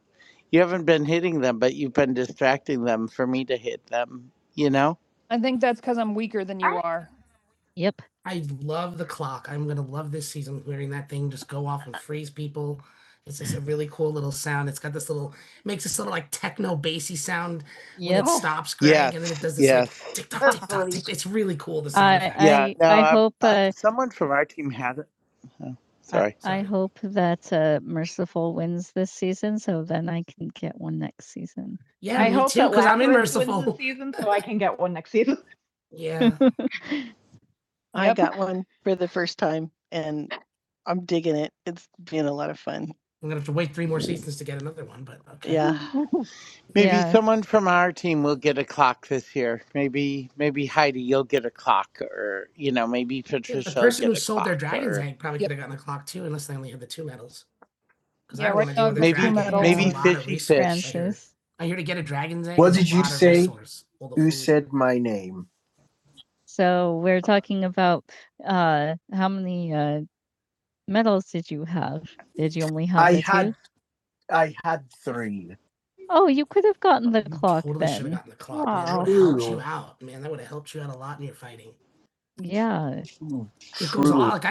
Speaker 4: You haven't been hitting them, but you've been distracting them for me to hit them, you know.
Speaker 1: I think that's because I'm weaker than you
Speaker 3: I,
Speaker 1: are. yep. I love the clock. I'm gonna love this season hearing that thing just go off and freeze people. It's just a really cool little sound. It's got this little it makes this little like techno bassy sound when Yep. When it stops.
Speaker 4: Yes, yes.
Speaker 3: that's funny.
Speaker 4: Yeah,
Speaker 1: I,
Speaker 4: no,
Speaker 1: I, I
Speaker 4: I,
Speaker 1: hope
Speaker 4: uh,
Speaker 1: uh,
Speaker 4: someone from our team had it. Oh,
Speaker 1: I I
Speaker 4: sorry.
Speaker 1: Sorry. hope that, uh, Merciful wins this season, so then I can get one next season. Yeah, I me hope too, that because I'm in Lazarus wins this Merciful. season so I can get one next season. Yeah. I Yep. got one for the first time and I'm digging it. It's been a lot of fun. I'm gonna have to- Yeah.
Speaker 4: Maybe
Speaker 1: Yeah.
Speaker 4: someone from our team will get a clock this year. Maybe maybe Heidi you'll get a clock or you know, maybe
Speaker 1: Yeah, the
Speaker 4: Patricia'll
Speaker 1: person
Speaker 4: get
Speaker 1: who
Speaker 4: a
Speaker 1: sold their
Speaker 4: clock
Speaker 1: dragon's
Speaker 4: or
Speaker 1: egg probably Yep. could have gotten the clock too, unless they only had the two medals. Because I Yeah, I right want to now deal with the I've two
Speaker 4: maybe
Speaker 1: dragon. and That's a
Speaker 4: maybe
Speaker 1: medals. lot of
Speaker 4: Fishy
Speaker 1: resource. I hear,
Speaker 4: Fish.
Speaker 1: Francis. I hear to get a dragon's egg. What is a did you lot of say? resource. All the Who food. said my name? So we're talking about uh how many uh medals did you have? Did you only have I the had two? I had three. Oh, you could have gotten the You clock totally should have then. gotten the clock. Man. That Wow. would have helped Ew. you True. out, man. That would have helped you out a lot in your fighting. Yeah. Ooh, It goes on. true. lot. Like, I,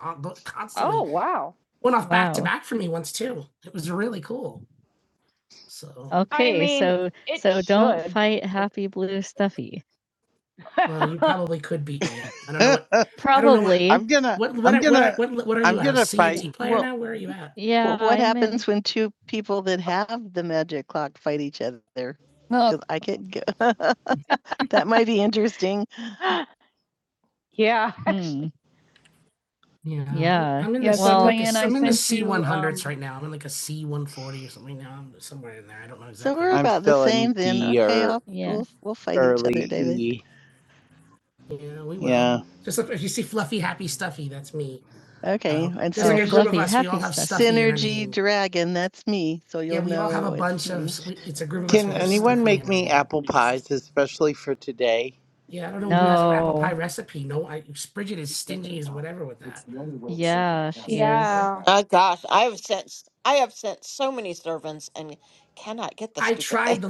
Speaker 1: constantly Oh constantly wow. went off back to wow. back once too. It was really cool. I Okay, mean, so It so don't should. fight happy blue stuffy. Well, you probably could beat me. I don't know what I don't know what-
Speaker 4: I'm
Speaker 1: Probably.
Speaker 4: gonna
Speaker 1: what what
Speaker 4: I'm
Speaker 1: I- what I
Speaker 4: gonna I'm gonna
Speaker 1: So your
Speaker 4: fight.
Speaker 1: D player well- now, where are you at? Yeah. Well, what I'm in- happens when two people that have the magic clock fight each other? No. 'Cause I could go. that might be interesting. Yeah. Hmm. Yeah. I'm, Yeah. I'm in Yeah, the, well- I'm, Well, like and a, Glenn, I I'm in the sent C you, one hundreds um, right now. I'm in like a C one forty or something now. I'm just in there. I don't know exactly. So exactly we're where I'm at.
Speaker 4: I'm
Speaker 1: about the
Speaker 4: still in
Speaker 1: same then.
Speaker 4: D
Speaker 1: Okay,
Speaker 4: or
Speaker 1: I'll Yeah. we'll, we'll fight each other,
Speaker 4: early
Speaker 1: David.
Speaker 4: E.
Speaker 1: Well,
Speaker 4: Yeah.
Speaker 1: Okay, um, and there's like so Oh, a group Fluffy, of fluffy, us. We all happy have stuff. stuff. in our synergy name. dragon, that's me. So you'll Yeah, you'll we all have know a it's bunch of. me.
Speaker 4: Can anyone make me apple pies, especially for today?
Speaker 1: I don't know. we have an apple No. pie Yeah, she is. Yeah.
Speaker 2: Oh gosh, I have sent s- I have sent so many servants and cannot get the stupid thing.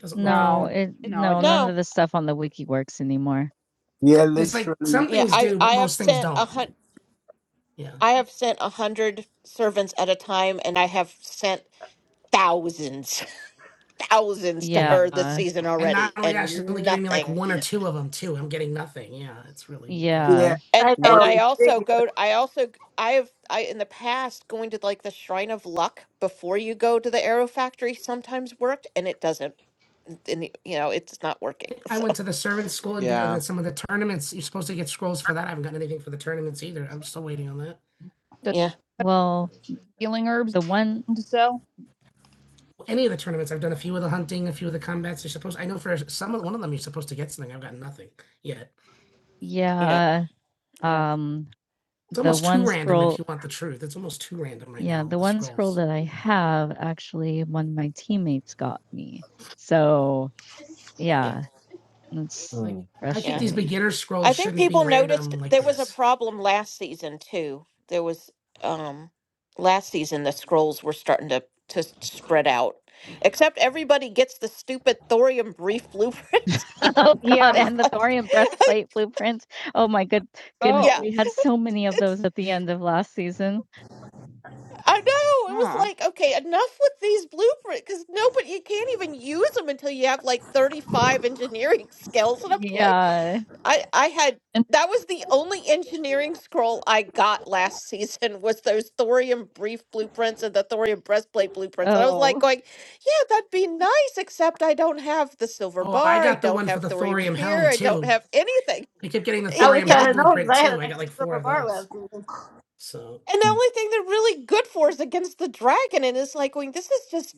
Speaker 1: Doesn't work. No, work. it
Speaker 2: It,
Speaker 1: No, it no, none doesn't.
Speaker 2: no.
Speaker 1: of the stuff on the wiki works anymore. Yeah, It's like literally. something.
Speaker 2: Yeah, I I have sent a hundred. I have sent a hundred servants at a time, and I have sent thousands,
Speaker 1: new,
Speaker 2: thousands to her this
Speaker 1: Yeah.
Speaker 2: season already, and nothing.
Speaker 1: Really. Yeah. Yeah.
Speaker 2: And
Speaker 3: I
Speaker 1: One,
Speaker 2: and
Speaker 3: know.
Speaker 2: I
Speaker 3: Thank
Speaker 2: also go. I also I have I in the past going to like the Shrine of Luck before you go to the Arrow Factory sometimes worked, and it doesn't. And you know it's not working.
Speaker 1: I
Speaker 2: So
Speaker 1: went to the servant school and did
Speaker 4: Yeah.
Speaker 1: uh, some of the tournaments. You're supposed to get scrolls for that. I haven't gotten anything for the tournaments either. I'm still waiting on that. Does
Speaker 2: yeah,
Speaker 1: Well, Healing herbs the one to sell. Any of the tournaments, I've done a few of the hunting, a few of the combats. You're supposed. I know for some of one of them, you're supposed to get something. I've gotten nothing yet.
Speaker 2: yeah,
Speaker 1: yeah,
Speaker 2: yeah,
Speaker 1: um It's the almost one too one random if scroll- right Yeah, now, the the one scroll scrolls. that I have actually one of my teammates got me. So
Speaker 2: yeah,
Speaker 1: yeah, it's like Mm. I
Speaker 2: yeah.
Speaker 1: think these frustrating. beginners
Speaker 2: I think people noticed
Speaker 1: like
Speaker 2: there was a
Speaker 1: this.
Speaker 2: problem last season too. There was um last season the scrolls were starting to to spread out. Except everybody gets the stupid thorium brief blueprint.
Speaker 1: Oh God, Yeah.
Speaker 2: it's
Speaker 1: and the
Speaker 2: like,
Speaker 1: thorium
Speaker 2: like
Speaker 1: breastplate blueprints. Oh my good goodness,
Speaker 2: yeah.
Speaker 1: we Oh. had so many of
Speaker 2: It's
Speaker 1: those at the end of last season.
Speaker 2: I know. It was
Speaker 1: Huh.
Speaker 2: like, okay, enough with these blueprints cuz nobody you can't even use them until you have like 35 engineering skills and I'm like
Speaker 1: Yeah.
Speaker 2: I I had
Speaker 1: And
Speaker 2: that was the only engineering scroll I got last season was those thorium brief blueprints and the thorium breastplate blueprints. And I was like
Speaker 1: oh,
Speaker 2: going, yeah, that'd be nice, except I don't have the silver
Speaker 1: Oh, I
Speaker 2: bar, I
Speaker 1: got the
Speaker 2: don't
Speaker 1: one for
Speaker 2: have
Speaker 1: the
Speaker 2: thorium
Speaker 1: thorium helm
Speaker 2: spear, I don't
Speaker 1: too.
Speaker 2: have anything.
Speaker 1: I kept getting the
Speaker 3: I wish
Speaker 1: thorium
Speaker 2: yeah.
Speaker 3: I'd
Speaker 1: helm
Speaker 3: have known because
Speaker 1: blueprint
Speaker 3: I had an
Speaker 1: too. I got
Speaker 3: extra
Speaker 1: like four
Speaker 3: silver
Speaker 1: of
Speaker 3: bar
Speaker 1: those.
Speaker 3: last season.
Speaker 1: So Ugh.
Speaker 2: And the only thing they're really good for is against the dragon. And it's like going, this is just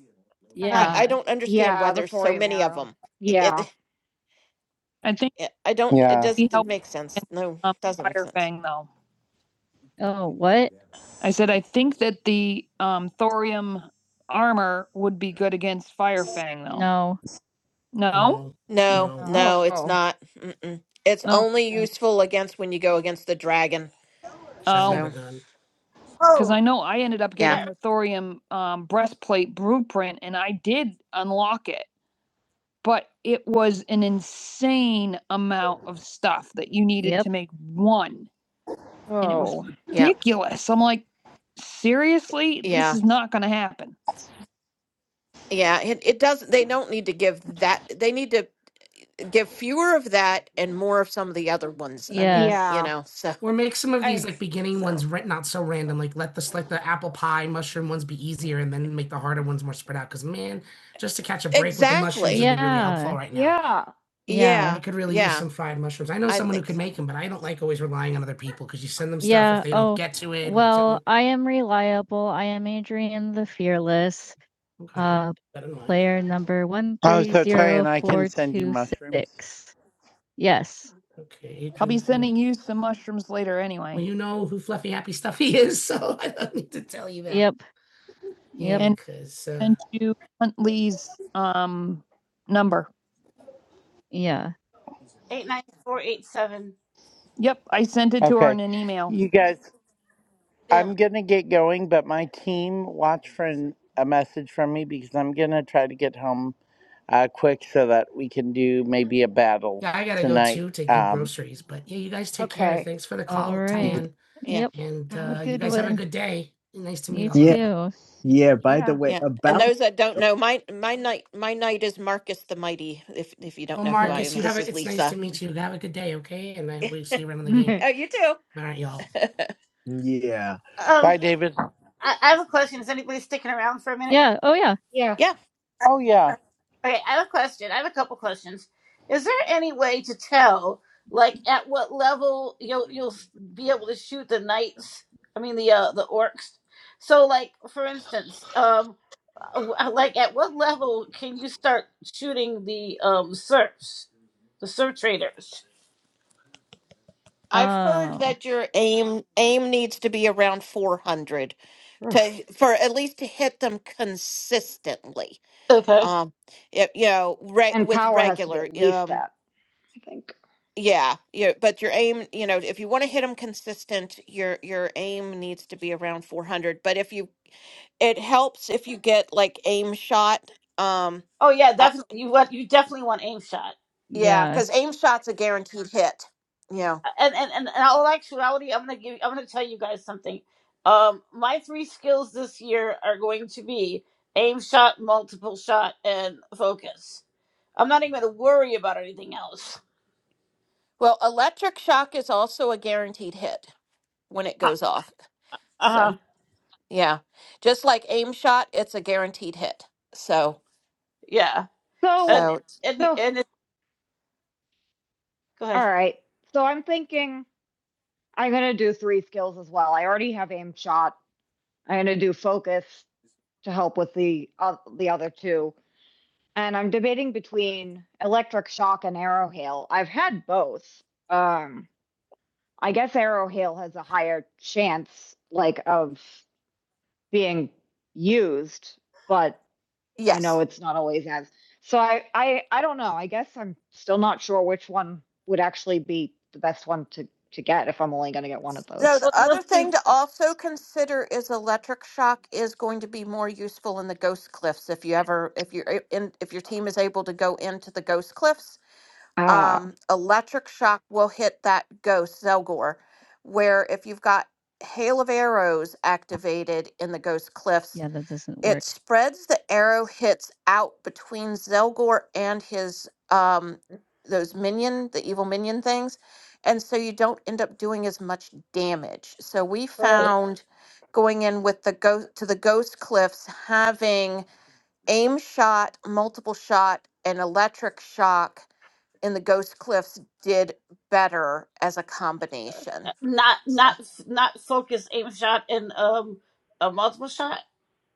Speaker 2: I, I
Speaker 1: yeah.
Speaker 2: don't understand why
Speaker 1: Yeah, the
Speaker 2: there's so
Speaker 1: thorium
Speaker 2: many of
Speaker 1: arrow.
Speaker 2: them. It,
Speaker 1: Yeah.
Speaker 2: it,
Speaker 1: I think
Speaker 2: it I don't it
Speaker 4: Yeah.
Speaker 1: be
Speaker 2: doesn't
Speaker 1: helpful
Speaker 2: make sense. No,
Speaker 1: um,
Speaker 2: doesn't make
Speaker 1: fire
Speaker 2: sense.
Speaker 1: fang though. Oh, what? I said I think that the um, thorium armor would be good against fire fang though. No. No,
Speaker 2: No,
Speaker 1: No.
Speaker 2: no, it's
Speaker 1: Oh.
Speaker 2: not. Mm-mm. It's
Speaker 1: no,
Speaker 2: only useful against when you go against the dragon.
Speaker 1: i Oh.
Speaker 2: So,
Speaker 1: because I
Speaker 3: Oh,
Speaker 1: know I ended up
Speaker 2: yeah,
Speaker 1: getting
Speaker 3: that
Speaker 1: the thorium um, breastplate blueprint and I did unlock it, but it was an insane amount of stuff that you needed Yep. to make one. and it was Oh,
Speaker 2: yeah,
Speaker 1: ridiculous. I'm like, seriously, this
Speaker 2: yeah,
Speaker 1: is not going to happen.
Speaker 2: yeah. It, it doesn't, they don't need to give that, they need to give fewer of that and more of some of the other ones. I
Speaker 1: Yes.
Speaker 2: mean, you
Speaker 1: yeah,
Speaker 2: know, so,
Speaker 1: Some Movies I- like
Speaker 2: so.
Speaker 1: mushrooms would be
Speaker 2: Exactly.
Speaker 1: really helpful yeah, right now. yeah. Yeah.
Speaker 2: Yeah,
Speaker 1: I could
Speaker 2: yeah,
Speaker 1: mushroom
Speaker 2: I think so.
Speaker 1: them Yeah, stuff if Yeah. they oh, don't Oh, get to it. or Well, something. I am reliable. I am Adrian the Fearless, something. uh, Come on, player number
Speaker 4: Oh, so Ty and I can send you mushrooms.
Speaker 1: 130426. Yes. I'll be do- sending you some mushrooms later Well, anyway. you know. Even. Yep. yeah, Yep. And- because, uh, Send you Huntley's um number. Yeah.
Speaker 3: eight nine four eight seven.
Speaker 1: Yep, I sent it to her
Speaker 4: Okay.
Speaker 1: in an email.
Speaker 4: You guys
Speaker 3: Yeah.
Speaker 4: I'm gonna get going, but my team watch for an, a message from me because I'm gonna try to get home uh, quick so that we can do maybe a battle
Speaker 1: Yeah, I gotta go
Speaker 4: tonight.
Speaker 1: too to do
Speaker 4: Um,
Speaker 1: groceries, but yeah, you guys take okay. care. Okay. Thanks for the call,
Speaker 2: Yeah,
Speaker 1: Alright. Tan.
Speaker 2: yeah,
Speaker 1: Yep. And
Speaker 2: yeah.
Speaker 1: uh, you good guys one. have a good day. Nice to meet Yeah. you. too.
Speaker 2: yeah.
Speaker 1: Yeah, by Yeah. the way,
Speaker 2: Yeah, and
Speaker 1: about
Speaker 2: those that don't know, my my knight my knight is Marcus the Mighty. If if you don't
Speaker 1: Well,
Speaker 2: know who I
Speaker 1: Marcus,
Speaker 2: am,
Speaker 1: yeah. you have
Speaker 2: this
Speaker 1: it.
Speaker 2: is Lisa. Oh, you too.
Speaker 1: yeah.
Speaker 3: Um,
Speaker 4: bye, David.
Speaker 3: I, I have a question. Is anybody sticking around for a minute?
Speaker 1: Yeah. Oh yeah. yeah.
Speaker 2: Yeah.
Speaker 4: Oh yeah.
Speaker 3: Okay, I have a question. I have a couple questions. Is there any way to tell, like, at what level you'll you'll s- be able to shoot the knights? I mean, the uh, the orcs. So, like, for instance, um, w- uh, like, at what level can you start shooting the um serfs, the serf traders?
Speaker 2: I've heard
Speaker 1: Oh
Speaker 2: that your aim aim needs to be around 400 to for at least to hit them consistently.
Speaker 3: Okay.
Speaker 2: Um, it, you know, re-
Speaker 1: And
Speaker 2: with
Speaker 1: power has to be
Speaker 2: regular.
Speaker 1: at least
Speaker 2: Um,
Speaker 1: that, I think.
Speaker 2: yeah, yeah. But your aim, you know, if you want to hit them consistent, your your aim needs to be around 400. But if you, it helps if you get like aim shot. Um,
Speaker 3: Oh yeah,
Speaker 2: uh,
Speaker 3: definitely. You want you definitely want aim shot.
Speaker 2: yeah,
Speaker 1: yeah.
Speaker 2: because aim shot's a guaranteed hit. Yeah.
Speaker 3: and and and in all actuality, I'm gonna give. I'm gonna tell you guys something. Um, my three skills this year are going to be aim shot, multiple shot, and focus. I'm not even gonna worry about anything else.
Speaker 2: Well, electric shock is also a guaranteed hit. when it
Speaker 3: Uh
Speaker 2: goes off. So
Speaker 3: huh.
Speaker 2: yeah, just like aim shot, it's a guaranteed hit. So
Speaker 3: Yeah.
Speaker 1: So,
Speaker 3: And
Speaker 2: so
Speaker 3: and
Speaker 1: so,
Speaker 3: and it, go
Speaker 1: all
Speaker 3: ahead.
Speaker 1: right. So I'm thinking I'm going to do three skills as well. I already have aim shot. I'm gonna do focus to help with the, uh, the other two. And I'm debating between electric shock and arrow hail. I've had both. Um, I guess arrow hail has a higher chance, like, of being used, but I know
Speaker 2: yes.
Speaker 1: it's not always as. So I, I, I don't know. I guess I'm still not sure which one would actually be the best one to, to get if I'm only gonna get one of
Speaker 2: So
Speaker 1: those.
Speaker 2: the
Speaker 3: Well, no,
Speaker 2: other thing to also consider is electric shock is going to be more useful in the ghost cliffs if you ever if you're a- in if your team is able to go into the ghost cliffs.
Speaker 1: Ah,
Speaker 2: Um, electric shock will hit that ghost Zelgor, where if you've got hail of arrows activated in the ghost cliffs
Speaker 1: Yeah, that doesn't
Speaker 2: it
Speaker 1: work.
Speaker 2: spreads the arrow hits out between Zelgor and his um those minion, the evil minion things, and so you don't end up doing as much damage. So we
Speaker 3: Right.
Speaker 2: found going in with the ghost to the ghost cliffs having aim shot, multiple shot, and electric shock in the ghost cliffs did better as a combination.
Speaker 3: Not
Speaker 2: So
Speaker 3: not not focus, aim shot, and um a multiple shot.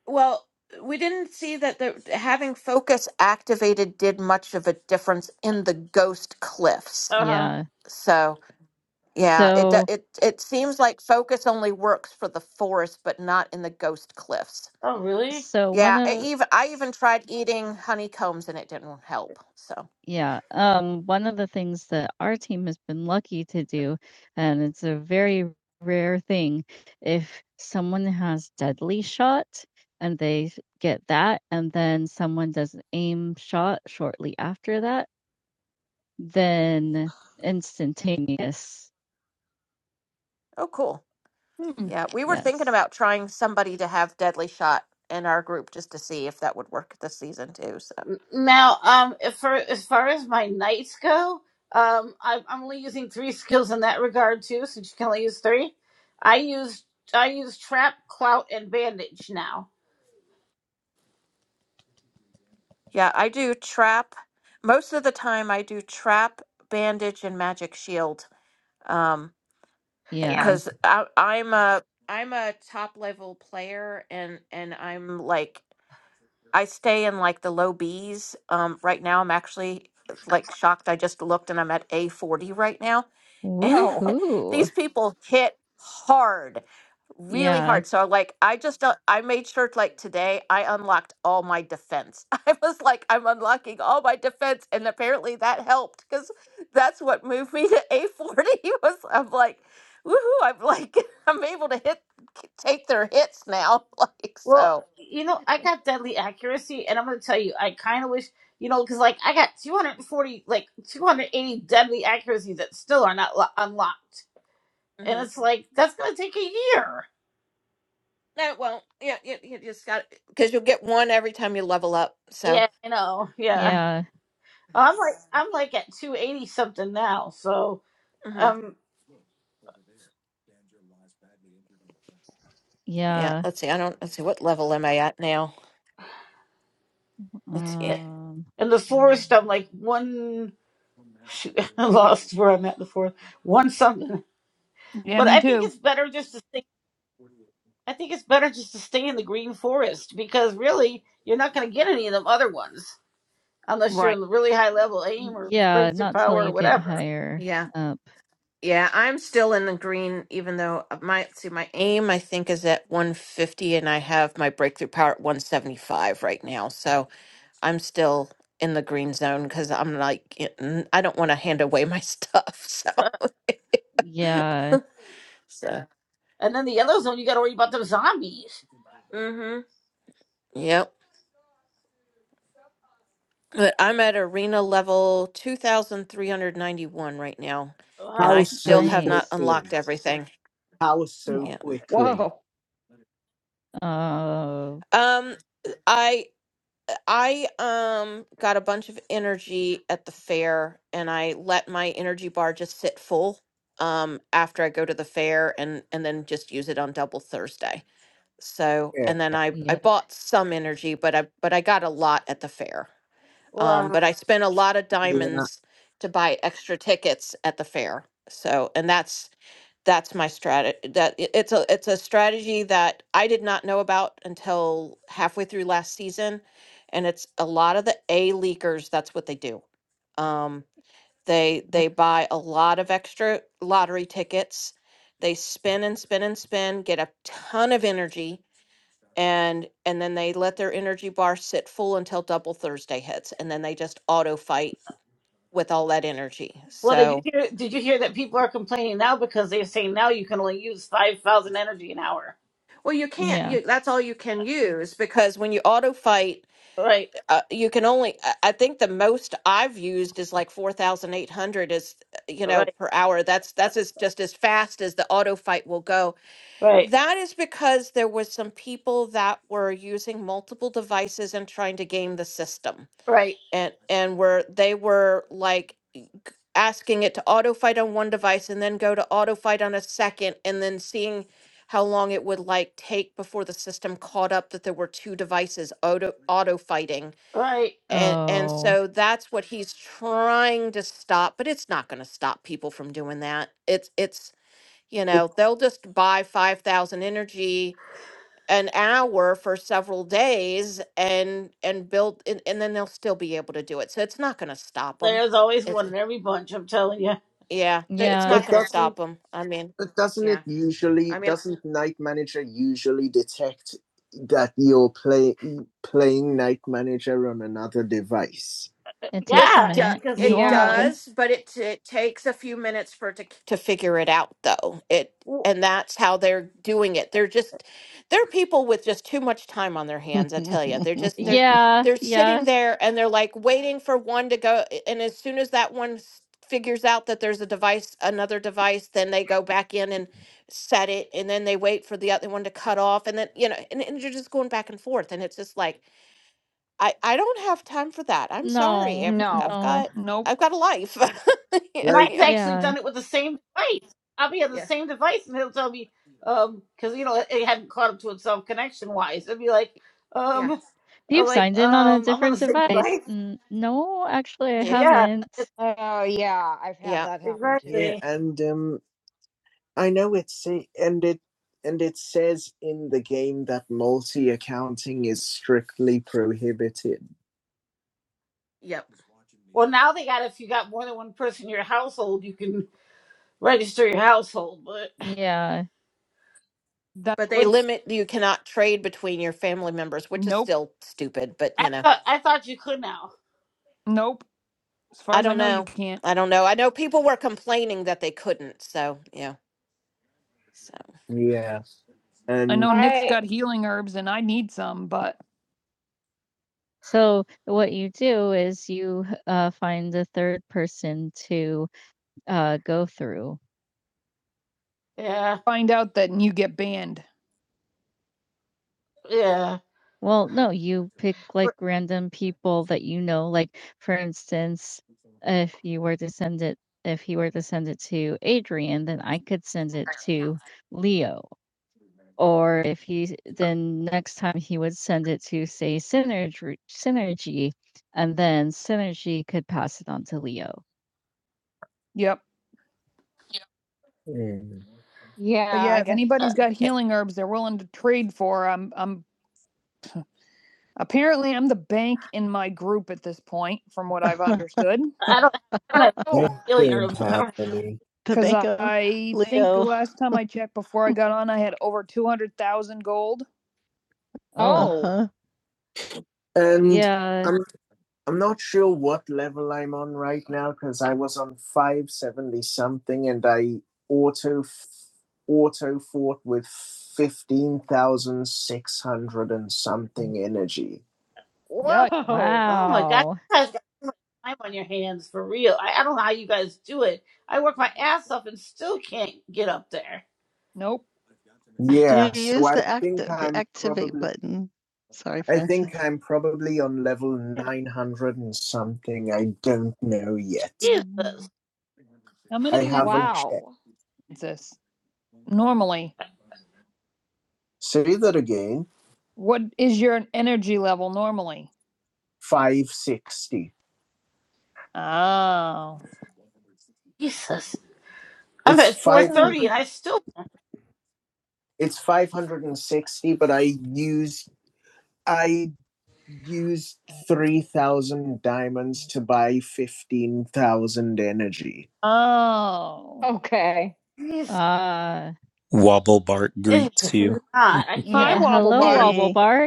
Speaker 2: Well, we didn't see that the having focus activated did much of a difference in the ghost cliffs.
Speaker 3: Uh huh.
Speaker 1: Yeah.
Speaker 2: So yeah, it do-
Speaker 1: So
Speaker 2: it it seems like focus only works for the forest, but not in the ghost cliffs.
Speaker 3: Oh really?
Speaker 1: So one
Speaker 2: Yeah, I
Speaker 1: of
Speaker 2: even I even tried eating honeycombs and it didn't help. So
Speaker 1: yeah, um, one of the things that our team has been lucky to do, and it's a very rare thing, if someone has deadly shot and they s- get that, and then someone does an aim shot shortly after that, then instantaneous.
Speaker 2: oh cool.
Speaker 1: Hmm.
Speaker 2: Yeah, we were thinking
Speaker 1: Yes.
Speaker 2: about trying somebody to have deadly shot in our group just to see if that would work this season too. So.
Speaker 3: Now, um, if for as far as my knights go, um, I, I'm only using three skills in that regard too, since you can only use three. I use I use trap, clout, and bandage now.
Speaker 2: Yeah, I do trap. Most of the time, I do trap, bandage, and magic shield. Um,
Speaker 1: Yeah. Yeah.
Speaker 2: because I I'm a I'm a top level player, and and I'm like I stay in like the low Bs. Um, right now I'm actually like shocked. I just looked, and I'm at A40 right now and
Speaker 1: Oh, Woohoo.
Speaker 2: these people hit hard really
Speaker 1: Yeah.
Speaker 2: hard so like i just don't- i made sure like today i unlocked all my defense i was like i'm unlocking all my defense and apparently that helped because that's what moved me to a40 was i'm like woohoo i'm like i'm able to hit take their hits now like
Speaker 3: Well,
Speaker 2: so
Speaker 3: you know, I got deadly accuracy, and I'm gonna tell you, I kind of wish, you know, because like I got 240, like 280 deadly accuracy that still are not lo- unlocked, and
Speaker 2: Mm-hmm.
Speaker 3: it's like that's gonna take a year.
Speaker 2: No, it Yeah, you, you just got because you'll get one every time you level up. So
Speaker 3: Yeah, I know. Yeah,
Speaker 1: Yeah.
Speaker 3: I'm like I'm like at 280 something now, so
Speaker 2: hmm
Speaker 3: um.
Speaker 2: yeah,
Speaker 1: Yeah.
Speaker 2: let's see. I don't. Let's see. What level am I at now? Let's see.
Speaker 1: Um,
Speaker 3: In the forest, I'm like one. Shoot, I lost where I'm at in the forest. One something,
Speaker 1: yeah,
Speaker 3: but
Speaker 1: me
Speaker 3: I think
Speaker 1: too.
Speaker 3: it's better just to stay. I think it's better just to stay in the green forest because really, you're not going to get any of them other ones unless you're
Speaker 1: Right.
Speaker 3: in the really high level
Speaker 1: Mm,
Speaker 3: aim or
Speaker 1: yeah,
Speaker 3: breakthrough
Speaker 1: not till
Speaker 3: power or
Speaker 1: you get
Speaker 3: whatever.
Speaker 1: higher
Speaker 2: Yeah,
Speaker 1: up.
Speaker 2: yeah. I'm still in the green, even though my let's see my aim I think is at 150, and I have my breakthrough power at 175 right now. So I'm still in the green zone because I'm like, y- n- I don't want to hand away my stuff. So,
Speaker 1: Yeah,
Speaker 2: so
Speaker 3: And then the yellow zone, you got to worry about them zombies.
Speaker 2: Mm-hmm. yep. But I'm at arena level 2,391 right now, and I
Speaker 1: How
Speaker 3: Wow,
Speaker 1: so
Speaker 2: still have not
Speaker 1: nice.
Speaker 2: unlocked
Speaker 1: quickly?
Speaker 2: everything.
Speaker 1: How so
Speaker 2: Yeah.
Speaker 1: quickly? Whoa. Oh,
Speaker 2: Um, I I um got a bunch of energy at the fair, and I let my energy bar just sit full um after I go to the fair, and and then just use it on double Thursday. So,
Speaker 1: Yeah,
Speaker 2: and then I I
Speaker 1: yep,
Speaker 2: bought some energy, but I but I got a lot at the fair. Um,
Speaker 3: wow.
Speaker 2: but I spent a lot of
Speaker 1: yeah.
Speaker 2: diamonds to buy extra tickets at the fair. So, and that's that's my strategy. That it- it's a it's a strategy that I did not know about until halfway through last season, and it's a lot of the A leakers. That's what they do. Um, they
Speaker 1: yep,
Speaker 2: they buy a lot of extra lottery tickets. They spin and spin and spin, get a ton of energy, and and then they let their energy bar sit full until double Thursday hits, and then they just auto fight with all that energy.
Speaker 3: Well, did you
Speaker 2: So,
Speaker 3: hear? Did you hear that people are complaining now because they're saying now you can only use five thousand energy an hour?
Speaker 2: well, you can't.
Speaker 1: yeah.
Speaker 2: You that's all you can use because when you auto fight,
Speaker 3: Right,
Speaker 2: uh, you can only. I I think the most I've used is like four thousand eight hundred is uh, you know
Speaker 3: right,
Speaker 2: per hour. That's that's as, just as fast as the auto fight will go
Speaker 3: right,
Speaker 2: That is because there was some people that were using multiple devices and trying to game the system.
Speaker 3: right,
Speaker 2: And and were they were like e, g- asking it to auto fight on one device and then go to auto fight on a second and then seeing how long it would like take before the system caught up that there were two devices auto auto fighting.
Speaker 3: right.
Speaker 2: And and
Speaker 1: Oh,
Speaker 2: so that's what he's trying to stop, but it's not going to stop people from doing that. It's it's you
Speaker 1: But,
Speaker 2: know, they'll just buy 5,000 energy an hour for several days and and build and, and then they'll still be able to do it so it's not going to stop them
Speaker 3: There's always
Speaker 2: it's
Speaker 3: one in every bunch, I'm telling you.
Speaker 2: yeah th- it's
Speaker 1: yeah.
Speaker 2: not
Speaker 1: but
Speaker 2: going to stop
Speaker 1: doesn't
Speaker 2: them i mean
Speaker 1: but doesn't it
Speaker 2: yeah
Speaker 1: usually
Speaker 2: I mean.
Speaker 1: doesn't Night Manager usually detect that you're play, playing Night Manager on another device? It
Speaker 2: It
Speaker 1: takes a
Speaker 3: Yeah,
Speaker 2: do,
Speaker 1: minute.
Speaker 3: because
Speaker 2: it
Speaker 1: Yeah, but Normally.
Speaker 2: does, but it it takes a few minutes for it to to figure it out though. It and that's how they're doing it. They're just they're people with just too much time on their hands, I tell you. They're just they're
Speaker 1: Yeah,
Speaker 2: they're
Speaker 1: yeah.
Speaker 2: sitting there and they're like waiting for one to go a- and as soon as that one s- figures out that there's a device another device then they go back in and set it and then they wait for the other one to cut off and then you know and, and you're just going back and forth and it's just like I I don't have time for that. I'm
Speaker 1: No, No.
Speaker 2: sorry. I've I've
Speaker 1: no.
Speaker 2: got
Speaker 1: Nope.
Speaker 2: I've got a life. yeah,
Speaker 1: Like,
Speaker 3: Mike's
Speaker 2: yeah,
Speaker 3: actually
Speaker 1: Yeah.
Speaker 3: done it with the same device. I'll be on the
Speaker 2: Yeah.
Speaker 3: same device, and he'll tell me, um, because you know it it hadn't caught up to itself connection wise. It'd be like,
Speaker 2: Yeah.
Speaker 3: um, I'm
Speaker 1: You've
Speaker 3: like,
Speaker 1: signed in on a
Speaker 3: um, I'm on the
Speaker 1: different
Speaker 3: same
Speaker 1: device.
Speaker 3: device.
Speaker 1: N- no, actually, I
Speaker 2: yeah,
Speaker 3: Yeah,
Speaker 1: haven't. Oh yeah, I've had
Speaker 2: yeah.
Speaker 1: that happen too. yeah,
Speaker 3: exactly.
Speaker 1: and um, I know it's say, and it and it says in the game that multi-accounting is strictly prohibited.
Speaker 2: Yep.
Speaker 3: Well, now they got if you got more than one person in your household, you can register your household, but
Speaker 1: Yeah. That
Speaker 2: But They
Speaker 3: which
Speaker 2: limit you cannot trade between your family members, which is
Speaker 1: nope,
Speaker 2: still stupid, but you
Speaker 3: I
Speaker 2: know.
Speaker 3: thought I thought you could now.
Speaker 1: nope. As far
Speaker 2: I
Speaker 1: as I
Speaker 2: don't
Speaker 1: know, you
Speaker 2: know.
Speaker 1: can't.
Speaker 2: I don't know. I know people were complaining that they couldn't, so yeah. So
Speaker 1: Yeah, and I and know Nick's Right. got healing herbs, and I need some, but So what you do is you uh, find the third person to uh, go through.
Speaker 3: Yeah,
Speaker 1: Find out that and you get banned.
Speaker 3: yeah.
Speaker 1: Well, no, you pick like
Speaker 3: But,
Speaker 1: random people that you know. Like for instance, if you were to send it, if he were to send it to Adrian, then I could send it to Leo. Or if he then next time he would send it to say Synergy, Synergy, and then Synergy could pass it on to Leo. Yep. But yeah, if
Speaker 3: uh,
Speaker 1: anybody's got
Speaker 2: yeah.
Speaker 1: healing herbs they're willing to trade for, I'm, I'm apparently I'm the bank in my group at this point, from what I've understood.
Speaker 3: I don't. I don't
Speaker 1: Oh,
Speaker 3: have
Speaker 1: what's
Speaker 3: helium herbs.
Speaker 1: happening. Because bank I think the last time I checked before I got on, I had over two hundred thousand gold. Oh. Uh-huh. And Yeah. I'm I'm not sure what level I'm on right now because I was on 570 something and I auto auto fought with 15,600 and something energy. Wow.
Speaker 3: Oh my God,
Speaker 1: Wow.
Speaker 3: you guys got so much time on your hands for real. I, I don't know how you guys do it. I work my ass off and still can't get up there.
Speaker 1: Nope. Yeah, Did you so use I the, act- the activate probably- button? Sorry, I think I'm probably on level 900 and something. I don't know yet.
Speaker 3: Jesus,
Speaker 1: I'm gonna I haven't wow. checked. Francis. Normally, Say that again. What is your energy level normally? 560. Oh.
Speaker 3: Jesus. I'm
Speaker 1: It's
Speaker 3: at four
Speaker 1: five. Oh,
Speaker 3: thirty and I still.
Speaker 1: It's 560, but I use I use 3,000 diamonds to buy 15,000 energy. Oh. Okay.
Speaker 3: Jesus,
Speaker 1: Uh, Hi,
Speaker 6: Wobblebark
Speaker 3: it
Speaker 6: greets
Speaker 3: is
Speaker 6: you.
Speaker 3: not. I
Speaker 1: Wobble
Speaker 3: can't.
Speaker 1: hello, Bark.
Speaker 3: Mm-mm.
Speaker 1: Wobble Bark.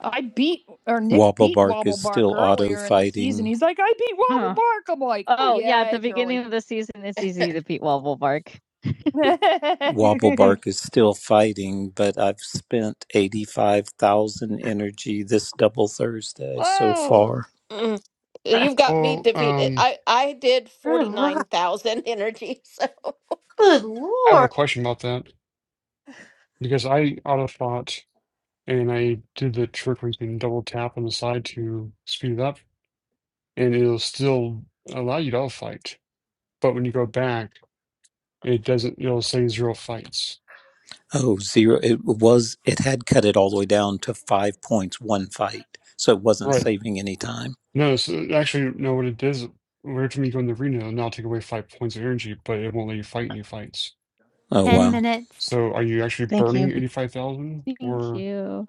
Speaker 1: I beat or Nick beat
Speaker 6: Wobblebark is
Speaker 1: Wobblebark
Speaker 6: still auto
Speaker 1: earlier in the season.
Speaker 6: fighting.
Speaker 1: He's like, I beat Huh. Wobblebark. Huh. I'm like, Oh, oh yeah, yeah, at the it's early." beginning of the season, it's easy to beat Wobblebark.
Speaker 6: Wobblebark is still fighting, but I've spent 85,000 energy this double Thursday so
Speaker 1: Whoa.
Speaker 6: far.
Speaker 2: Mm. You've got me
Speaker 5: well,
Speaker 2: defeated.
Speaker 5: um,
Speaker 2: I I did
Speaker 3: Good lord.
Speaker 2: 49,000 energy. So
Speaker 3: Good
Speaker 5: I have a
Speaker 3: lord.
Speaker 5: question about that because I auto thought and I did the trick where you can double tap on the side to speed it up, and it'll still allow you to auto fight. But when you go back, it doesn't. It'll say zero fights.
Speaker 6: Oh, zero. It was, it had cut it all the way down to five points, one fight. So it wasn't
Speaker 5: Right?
Speaker 6: saving any time.
Speaker 5: No. So actually, no. What it does, every time you go in the arena, it'll now take away five points of energy, but it won't let you fight any fights.
Speaker 6: Oh,
Speaker 1: 10
Speaker 6: wow.
Speaker 1: minutes.
Speaker 5: So are you actually
Speaker 1: Thank
Speaker 5: burning
Speaker 1: you.
Speaker 5: 85,000
Speaker 1: Thank
Speaker 5: or
Speaker 1: you.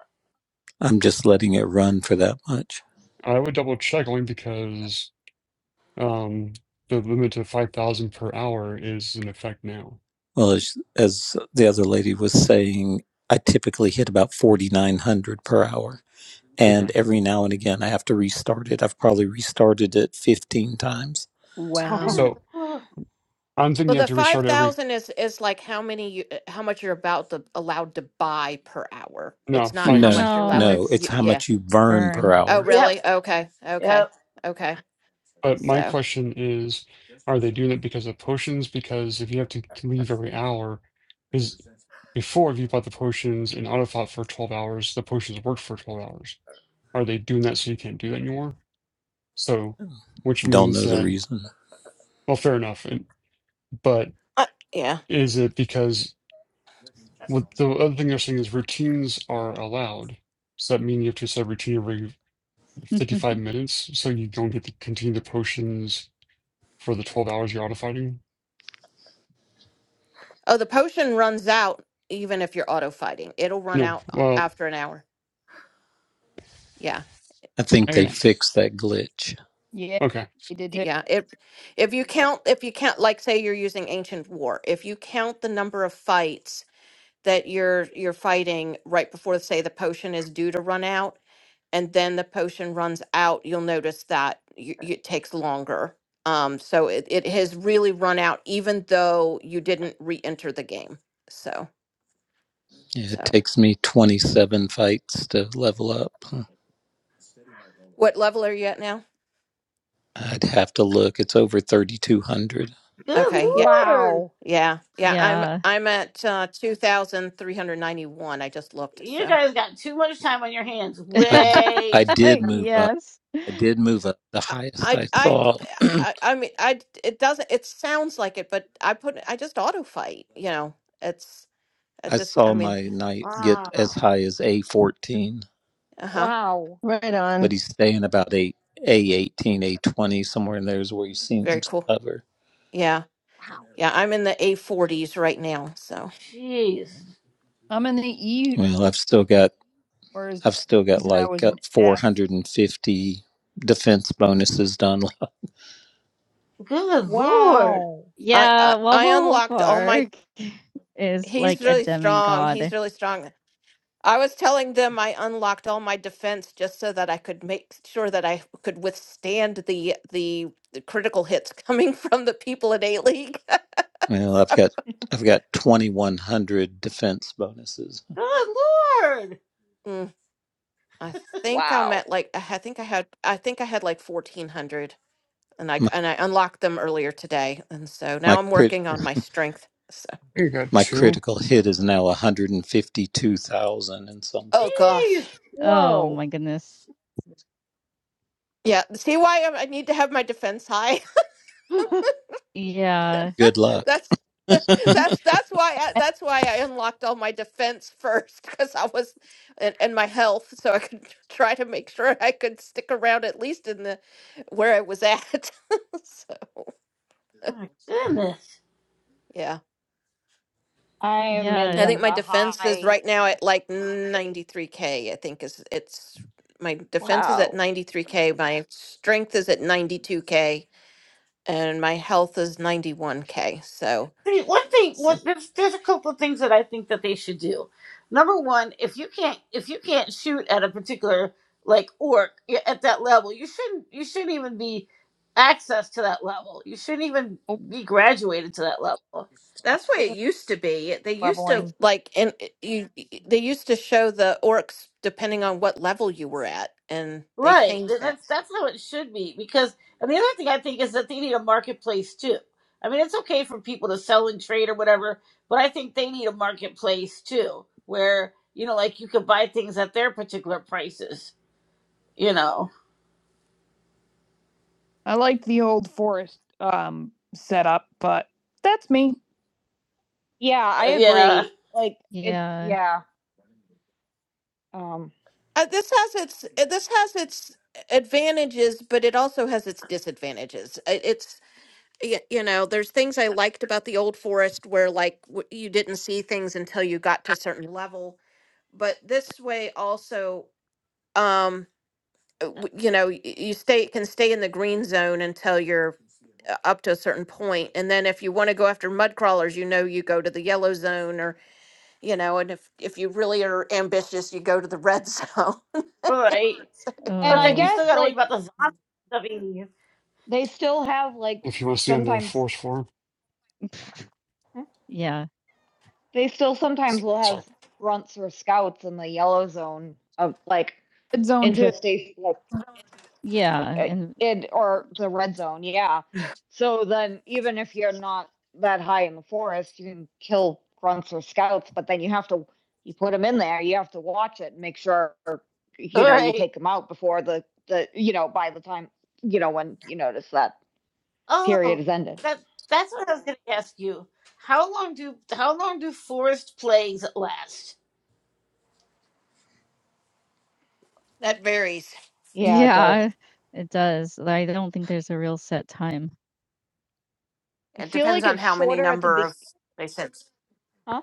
Speaker 6: I'm just letting it run for that much.
Speaker 5: I would double check only because um the limit of 5,000 per hour is in effect now.
Speaker 6: Well, as, as the other lady was saying, I typically hit about 4,900 per hour.
Speaker 5: Okay.
Speaker 6: and every now and again I have to restart it. I've probably restarted it 15 times.
Speaker 1: Wow.
Speaker 3: Good
Speaker 5: So
Speaker 3: lord.
Speaker 5: I'm thinking
Speaker 2: Well,
Speaker 5: you have
Speaker 2: the
Speaker 5: to restart every
Speaker 2: 5,000 is is like how many you, uh, how much you're about to allowed to buy per hour.
Speaker 5: no
Speaker 2: It's not how
Speaker 5: fight.
Speaker 2: much
Speaker 6: No,
Speaker 2: you're
Speaker 1: No,
Speaker 2: allowed to
Speaker 6: no, it's
Speaker 2: y-
Speaker 6: how
Speaker 1: it's
Speaker 2: yeah.
Speaker 6: much you burn
Speaker 1: burn.
Speaker 6: per
Speaker 2: Oh,
Speaker 6: hour.
Speaker 3: Yep.
Speaker 2: really? Okay. Okay.
Speaker 3: Yep.
Speaker 2: Okay.
Speaker 5: But my
Speaker 2: So,
Speaker 5: question is, are they doing it because of potions? Because if you have to to leave every hour, because before if you bought the potions and auto fought for 12 hours, the potions worked for 12 hours. Are they doing that so you can't do that anymore? So which
Speaker 6: Don't
Speaker 5: means
Speaker 6: know the
Speaker 5: that
Speaker 6: reason.
Speaker 5: well fair enough. And, but
Speaker 2: uh, yeah.
Speaker 5: Is it because what the other thing they're saying is routines are allowed? Does that mean you have to set a routine every 55 minutes so you don't get to continue the potions for the 12 hours you're auto fighting?
Speaker 2: Oh, the potion runs out even if you're auto fighting. It'll run
Speaker 5: No.
Speaker 2: out uh,
Speaker 5: Well,
Speaker 2: after an hour. Yeah.
Speaker 6: I think they
Speaker 2: Yeah,
Speaker 5: I've
Speaker 6: fixed that glitch.
Speaker 1: Yeah,
Speaker 5: okay. I
Speaker 1: he did. it.
Speaker 2: yeah. If if you count, if you count, like say you're using ancient war, if you count the number of fights that you're you're fighting right before, say, the potion is due to run out, and then the potion runs out, you'll notice that y y- it takes longer. Um, so it, it has really run out, even though you didn't re-enter the game. So
Speaker 6: Yeah, It
Speaker 2: so.
Speaker 6: takes me 27 fights to level up. Huh.
Speaker 2: What level are you at now?
Speaker 6: I'd have to look. It's over 3,200.
Speaker 3: Good
Speaker 2: Okay, yeah,
Speaker 3: lord.
Speaker 1: Wow.
Speaker 2: yeah, yeah. I'm
Speaker 1: yeah.
Speaker 2: I'm at uh, two thousand three hundred ninety one. I just looked.
Speaker 3: You
Speaker 2: So.
Speaker 3: guys got too much time on your hands.
Speaker 6: I, d- I
Speaker 3: Way too much
Speaker 6: did move
Speaker 3: time.
Speaker 6: up.
Speaker 1: yes.
Speaker 6: I did move up. The
Speaker 2: I,
Speaker 6: highest
Speaker 2: I,
Speaker 6: I
Speaker 2: I,
Speaker 6: saw,
Speaker 2: I
Speaker 6: I
Speaker 2: I mean, I, it doesn't, it sounds like it, but I put, I just auto fight, you know, it's, it just, I
Speaker 6: saw
Speaker 2: mean,
Speaker 6: my knight
Speaker 2: so,
Speaker 6: get as
Speaker 3: Wow.
Speaker 6: high as A14.
Speaker 2: uh-huh.
Speaker 1: Wow. Right.
Speaker 6: but he's staying about a a eighteen, a twenty, somewhere in there is where he
Speaker 2: Very
Speaker 6: seems to
Speaker 2: cool.
Speaker 6: hover.
Speaker 2: Yeah. Yeah. I'm in the A40s right now. So
Speaker 3: Jeez.
Speaker 1: I'm in the E,
Speaker 6: Well, I've still got
Speaker 1: or is
Speaker 6: I've still got
Speaker 1: season I
Speaker 6: like
Speaker 1: was
Speaker 6: uh,
Speaker 1: an
Speaker 6: four
Speaker 1: F.
Speaker 6: hundred and fifty defense bonuses done.
Speaker 3: Good lord.
Speaker 1: Wow.
Speaker 2: I, I,
Speaker 1: Yeah,
Speaker 2: I
Speaker 1: Wobble
Speaker 2: unlocked all my,
Speaker 1: Park is
Speaker 2: he's
Speaker 1: like a
Speaker 2: really strong. He's
Speaker 1: demigod.
Speaker 2: really strong. I was telling them I unlocked all my defense just so that I could make sure that I could withstand the, the, the critical hits coming from the people in A League.
Speaker 6: Well, I've got I've got twenty one hundred defense bonuses.
Speaker 3: Good lord.
Speaker 2: I think I'm
Speaker 1: Wow.
Speaker 2: at like I ha- think I had I think I had like 1400 and I
Speaker 6: My
Speaker 2: and I unlocked them earlier today and so
Speaker 6: my
Speaker 2: now I'm
Speaker 6: crit
Speaker 2: working on my strength. So
Speaker 5: think I got
Speaker 6: my
Speaker 5: two.
Speaker 6: critical hit is now one hundred and fifty two thousand and something.
Speaker 2: oh gosh.
Speaker 3: Hey,
Speaker 1: Oh Whoa. my goodness.
Speaker 2: Yeah, see why I'm, I need to have my defense high.
Speaker 1: Yeah.
Speaker 6: Good luck.
Speaker 2: that's that's that's why I, that's why I unlocked all my defense first cuz I was and, and my health so I could try to make sure I could stick around at least in the where I was at. so,
Speaker 3: my goodness.
Speaker 2: yeah.
Speaker 1: I am Yeah, in
Speaker 2: I
Speaker 1: the
Speaker 2: think
Speaker 1: and
Speaker 2: my defense is
Speaker 1: high
Speaker 2: right now at like 93K. I think is it's my defense is at
Speaker 1: Wow.
Speaker 2: 93K. My strength is at 92K and my health is 91K. So
Speaker 3: See, one thing, one,
Speaker 2: so
Speaker 3: there's, there's a couple of things that I think that they should do. Number one, if you can't, if you can't shoot at a particular like orc y- at that level, you shouldn't, you shouldn't even be access to that level. You shouldn't even
Speaker 1: oh,
Speaker 3: be graduated to that level.
Speaker 2: That's the way it used to be. They used to
Speaker 1: leveling.
Speaker 2: like, and it- you, they used to show the orcs depending on what level you were at, and they
Speaker 3: Right.
Speaker 2: changed
Speaker 3: Th-
Speaker 2: that.
Speaker 3: That's that's how it should be. Because and the other thing I think is that they need a marketplace too. I mean, it's okay for people to sell and trade or whatever, but I think they need a marketplace too, where you know, like you could buy things at their particular prices. You know.
Speaker 1: I like the old forest um setup, but that's me. Yeah, I
Speaker 3: Uh, yeah.
Speaker 1: agree. Like it yeah. yeah. Um
Speaker 2: Uh, this has its uh, this has its advantages, but it also has its disadvantages. Uh, It's y- you know, there's things I liked about the old forest where like w- you didn't see things until you got to a certain level. But this way also, um, uh, w- you know, y- you stay can stay in the green zone until you're uh, up to a certain point, and then if you want to go after mud crawlers, you know, you go to the yellow zone, or you know, and if if you really are ambitious, you go to the red zone.
Speaker 3: Right.
Speaker 1: and
Speaker 3: But
Speaker 1: I Oh.
Speaker 3: then you still
Speaker 1: guess
Speaker 3: got to worry
Speaker 1: like
Speaker 3: about the zombies stuffing you.
Speaker 1: they still have like
Speaker 5: If you want to see on the
Speaker 1: sometimes
Speaker 5: force form,
Speaker 1: huh? Yeah. they still sometimes will
Speaker 5: sorry.
Speaker 1: have grunts or scouts in the yellow zone of like Zone two. interstate, like, Yeah, Okay. and in, or the red zone, yeah. So then even if you're not that high in the forest, you can kill grunts or scouts, but then you have to, you put them in there, you have to watch it and make sure, or, you know, you
Speaker 3: Right.
Speaker 1: take them out before the, the, you know, by the time, you know, when you notice that
Speaker 3: Oh,
Speaker 1: period is ended.
Speaker 3: that that's what I was going to ask you. How long do how long do forest plagues last?
Speaker 2: that varies.
Speaker 1: Yeah. it does. Yeah, it does. I don't think there's a real set time. I
Speaker 2: It
Speaker 1: feel
Speaker 2: depends
Speaker 1: like
Speaker 2: on
Speaker 1: it's
Speaker 2: how many
Speaker 1: shorter at the
Speaker 2: number
Speaker 1: be-
Speaker 2: of they said.
Speaker 1: huh?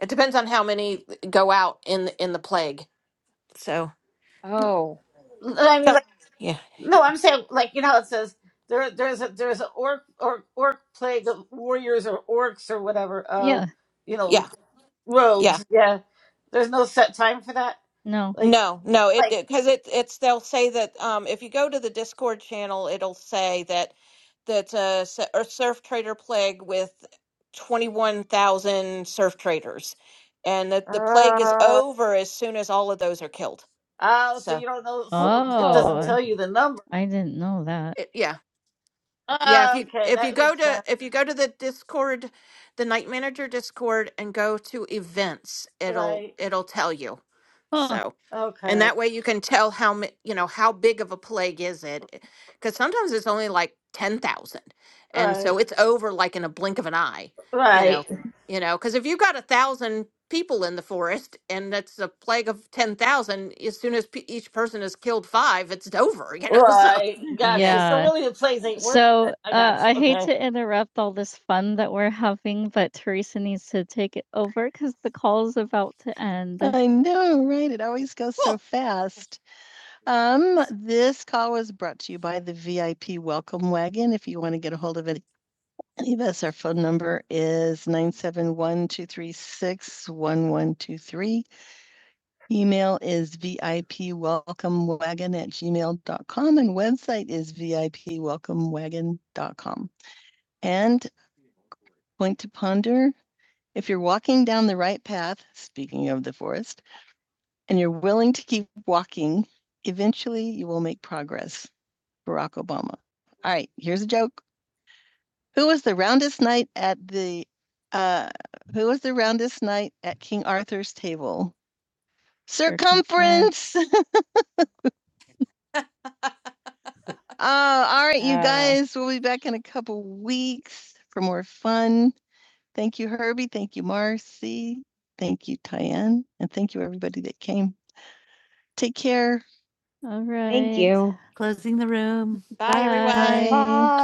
Speaker 2: It depends on how many go out in in the plague. So,
Speaker 1: Oh.
Speaker 3: I mean,
Speaker 2: so
Speaker 3: like.
Speaker 2: yeah,
Speaker 3: No, I'm saying like you know how it says there there's a there's an orc or orc plague of warriors or orcs or whatever uh
Speaker 1: Yeah,
Speaker 3: you know
Speaker 2: yeah, yeah.
Speaker 3: rogues yeah there's no set time for that
Speaker 1: no.
Speaker 3: like
Speaker 2: No, no, it
Speaker 3: like
Speaker 2: because it, 'cause it it's they'll say that um if you go to the Discord channel, it'll say that that uh s- a surf trader plague with twenty one thousand surf traders, and that the plague is
Speaker 3: uh
Speaker 2: over as soon as all of those are killed.
Speaker 3: oh so
Speaker 2: So
Speaker 3: you don't know so it doesn't
Speaker 1: Oh, Oh,
Speaker 3: tell you the number
Speaker 1: I didn't know that.
Speaker 2: it, yeah. Yeah, if
Speaker 3: Ah,
Speaker 2: you
Speaker 3: okay
Speaker 2: if you
Speaker 3: that
Speaker 2: go
Speaker 3: makes
Speaker 2: to
Speaker 3: sense
Speaker 2: if you go to the Discord, the night manager Discord and go to events, it'll
Speaker 3: right
Speaker 2: it'll tell you.
Speaker 1: Huh.
Speaker 2: So, and
Speaker 3: okay
Speaker 2: that way you can tell how ma- you know how big of a plague is it cuz sometimes it's only like 10,000. And so
Speaker 3: right
Speaker 2: it's over like in a blink of an eye, you know.
Speaker 3: right
Speaker 2: You know, cuz if you've got a 1,000 people in the forest and that's a plague of 10,000, as soon as pe- each person has killed 5, it's over, you know. So,
Speaker 3: right
Speaker 2: yeah.
Speaker 3: gotcha so
Speaker 1: Yeah,
Speaker 3: really the plays ain't working
Speaker 1: So,
Speaker 3: then I
Speaker 1: uh,
Speaker 3: gotcha
Speaker 1: I hate
Speaker 3: Okay.
Speaker 1: to interrupt all this fun that we're having, but Teresa needs to take it over because the call is about to end. I know, right? It always goes so fast. Um,
Speaker 2: Cool.
Speaker 1: this call was brought to you by the VIP Welcome Wagon. If you want to get a hold of any, any of us, our phone number is 971 236 1123. Email is VIPWelcomeWagon at gmail dot com, and website is vipwelcomewagon dot com. And point to ponder, if you're walking down the right path, speaking of the forest, and you're willing to keep walking, eventually you will make progress. Barack Obama. All right, here's a joke. Who was the roundest knight at the uh who was the roundest knight at King Arthur's table? Circumference. Circumference. Oh, all right, you Oh. guys. We'll be back in a couple weeks for more fun. Thank you, Herbie. Thank you, Marcy. Thank you, Tyann. And thank you, everybody that came. Take care. All right. Thank you. Closing the room.
Speaker 2: Bye,
Speaker 1: Bye.
Speaker 2: everyone.
Speaker 1: Bye. Bye.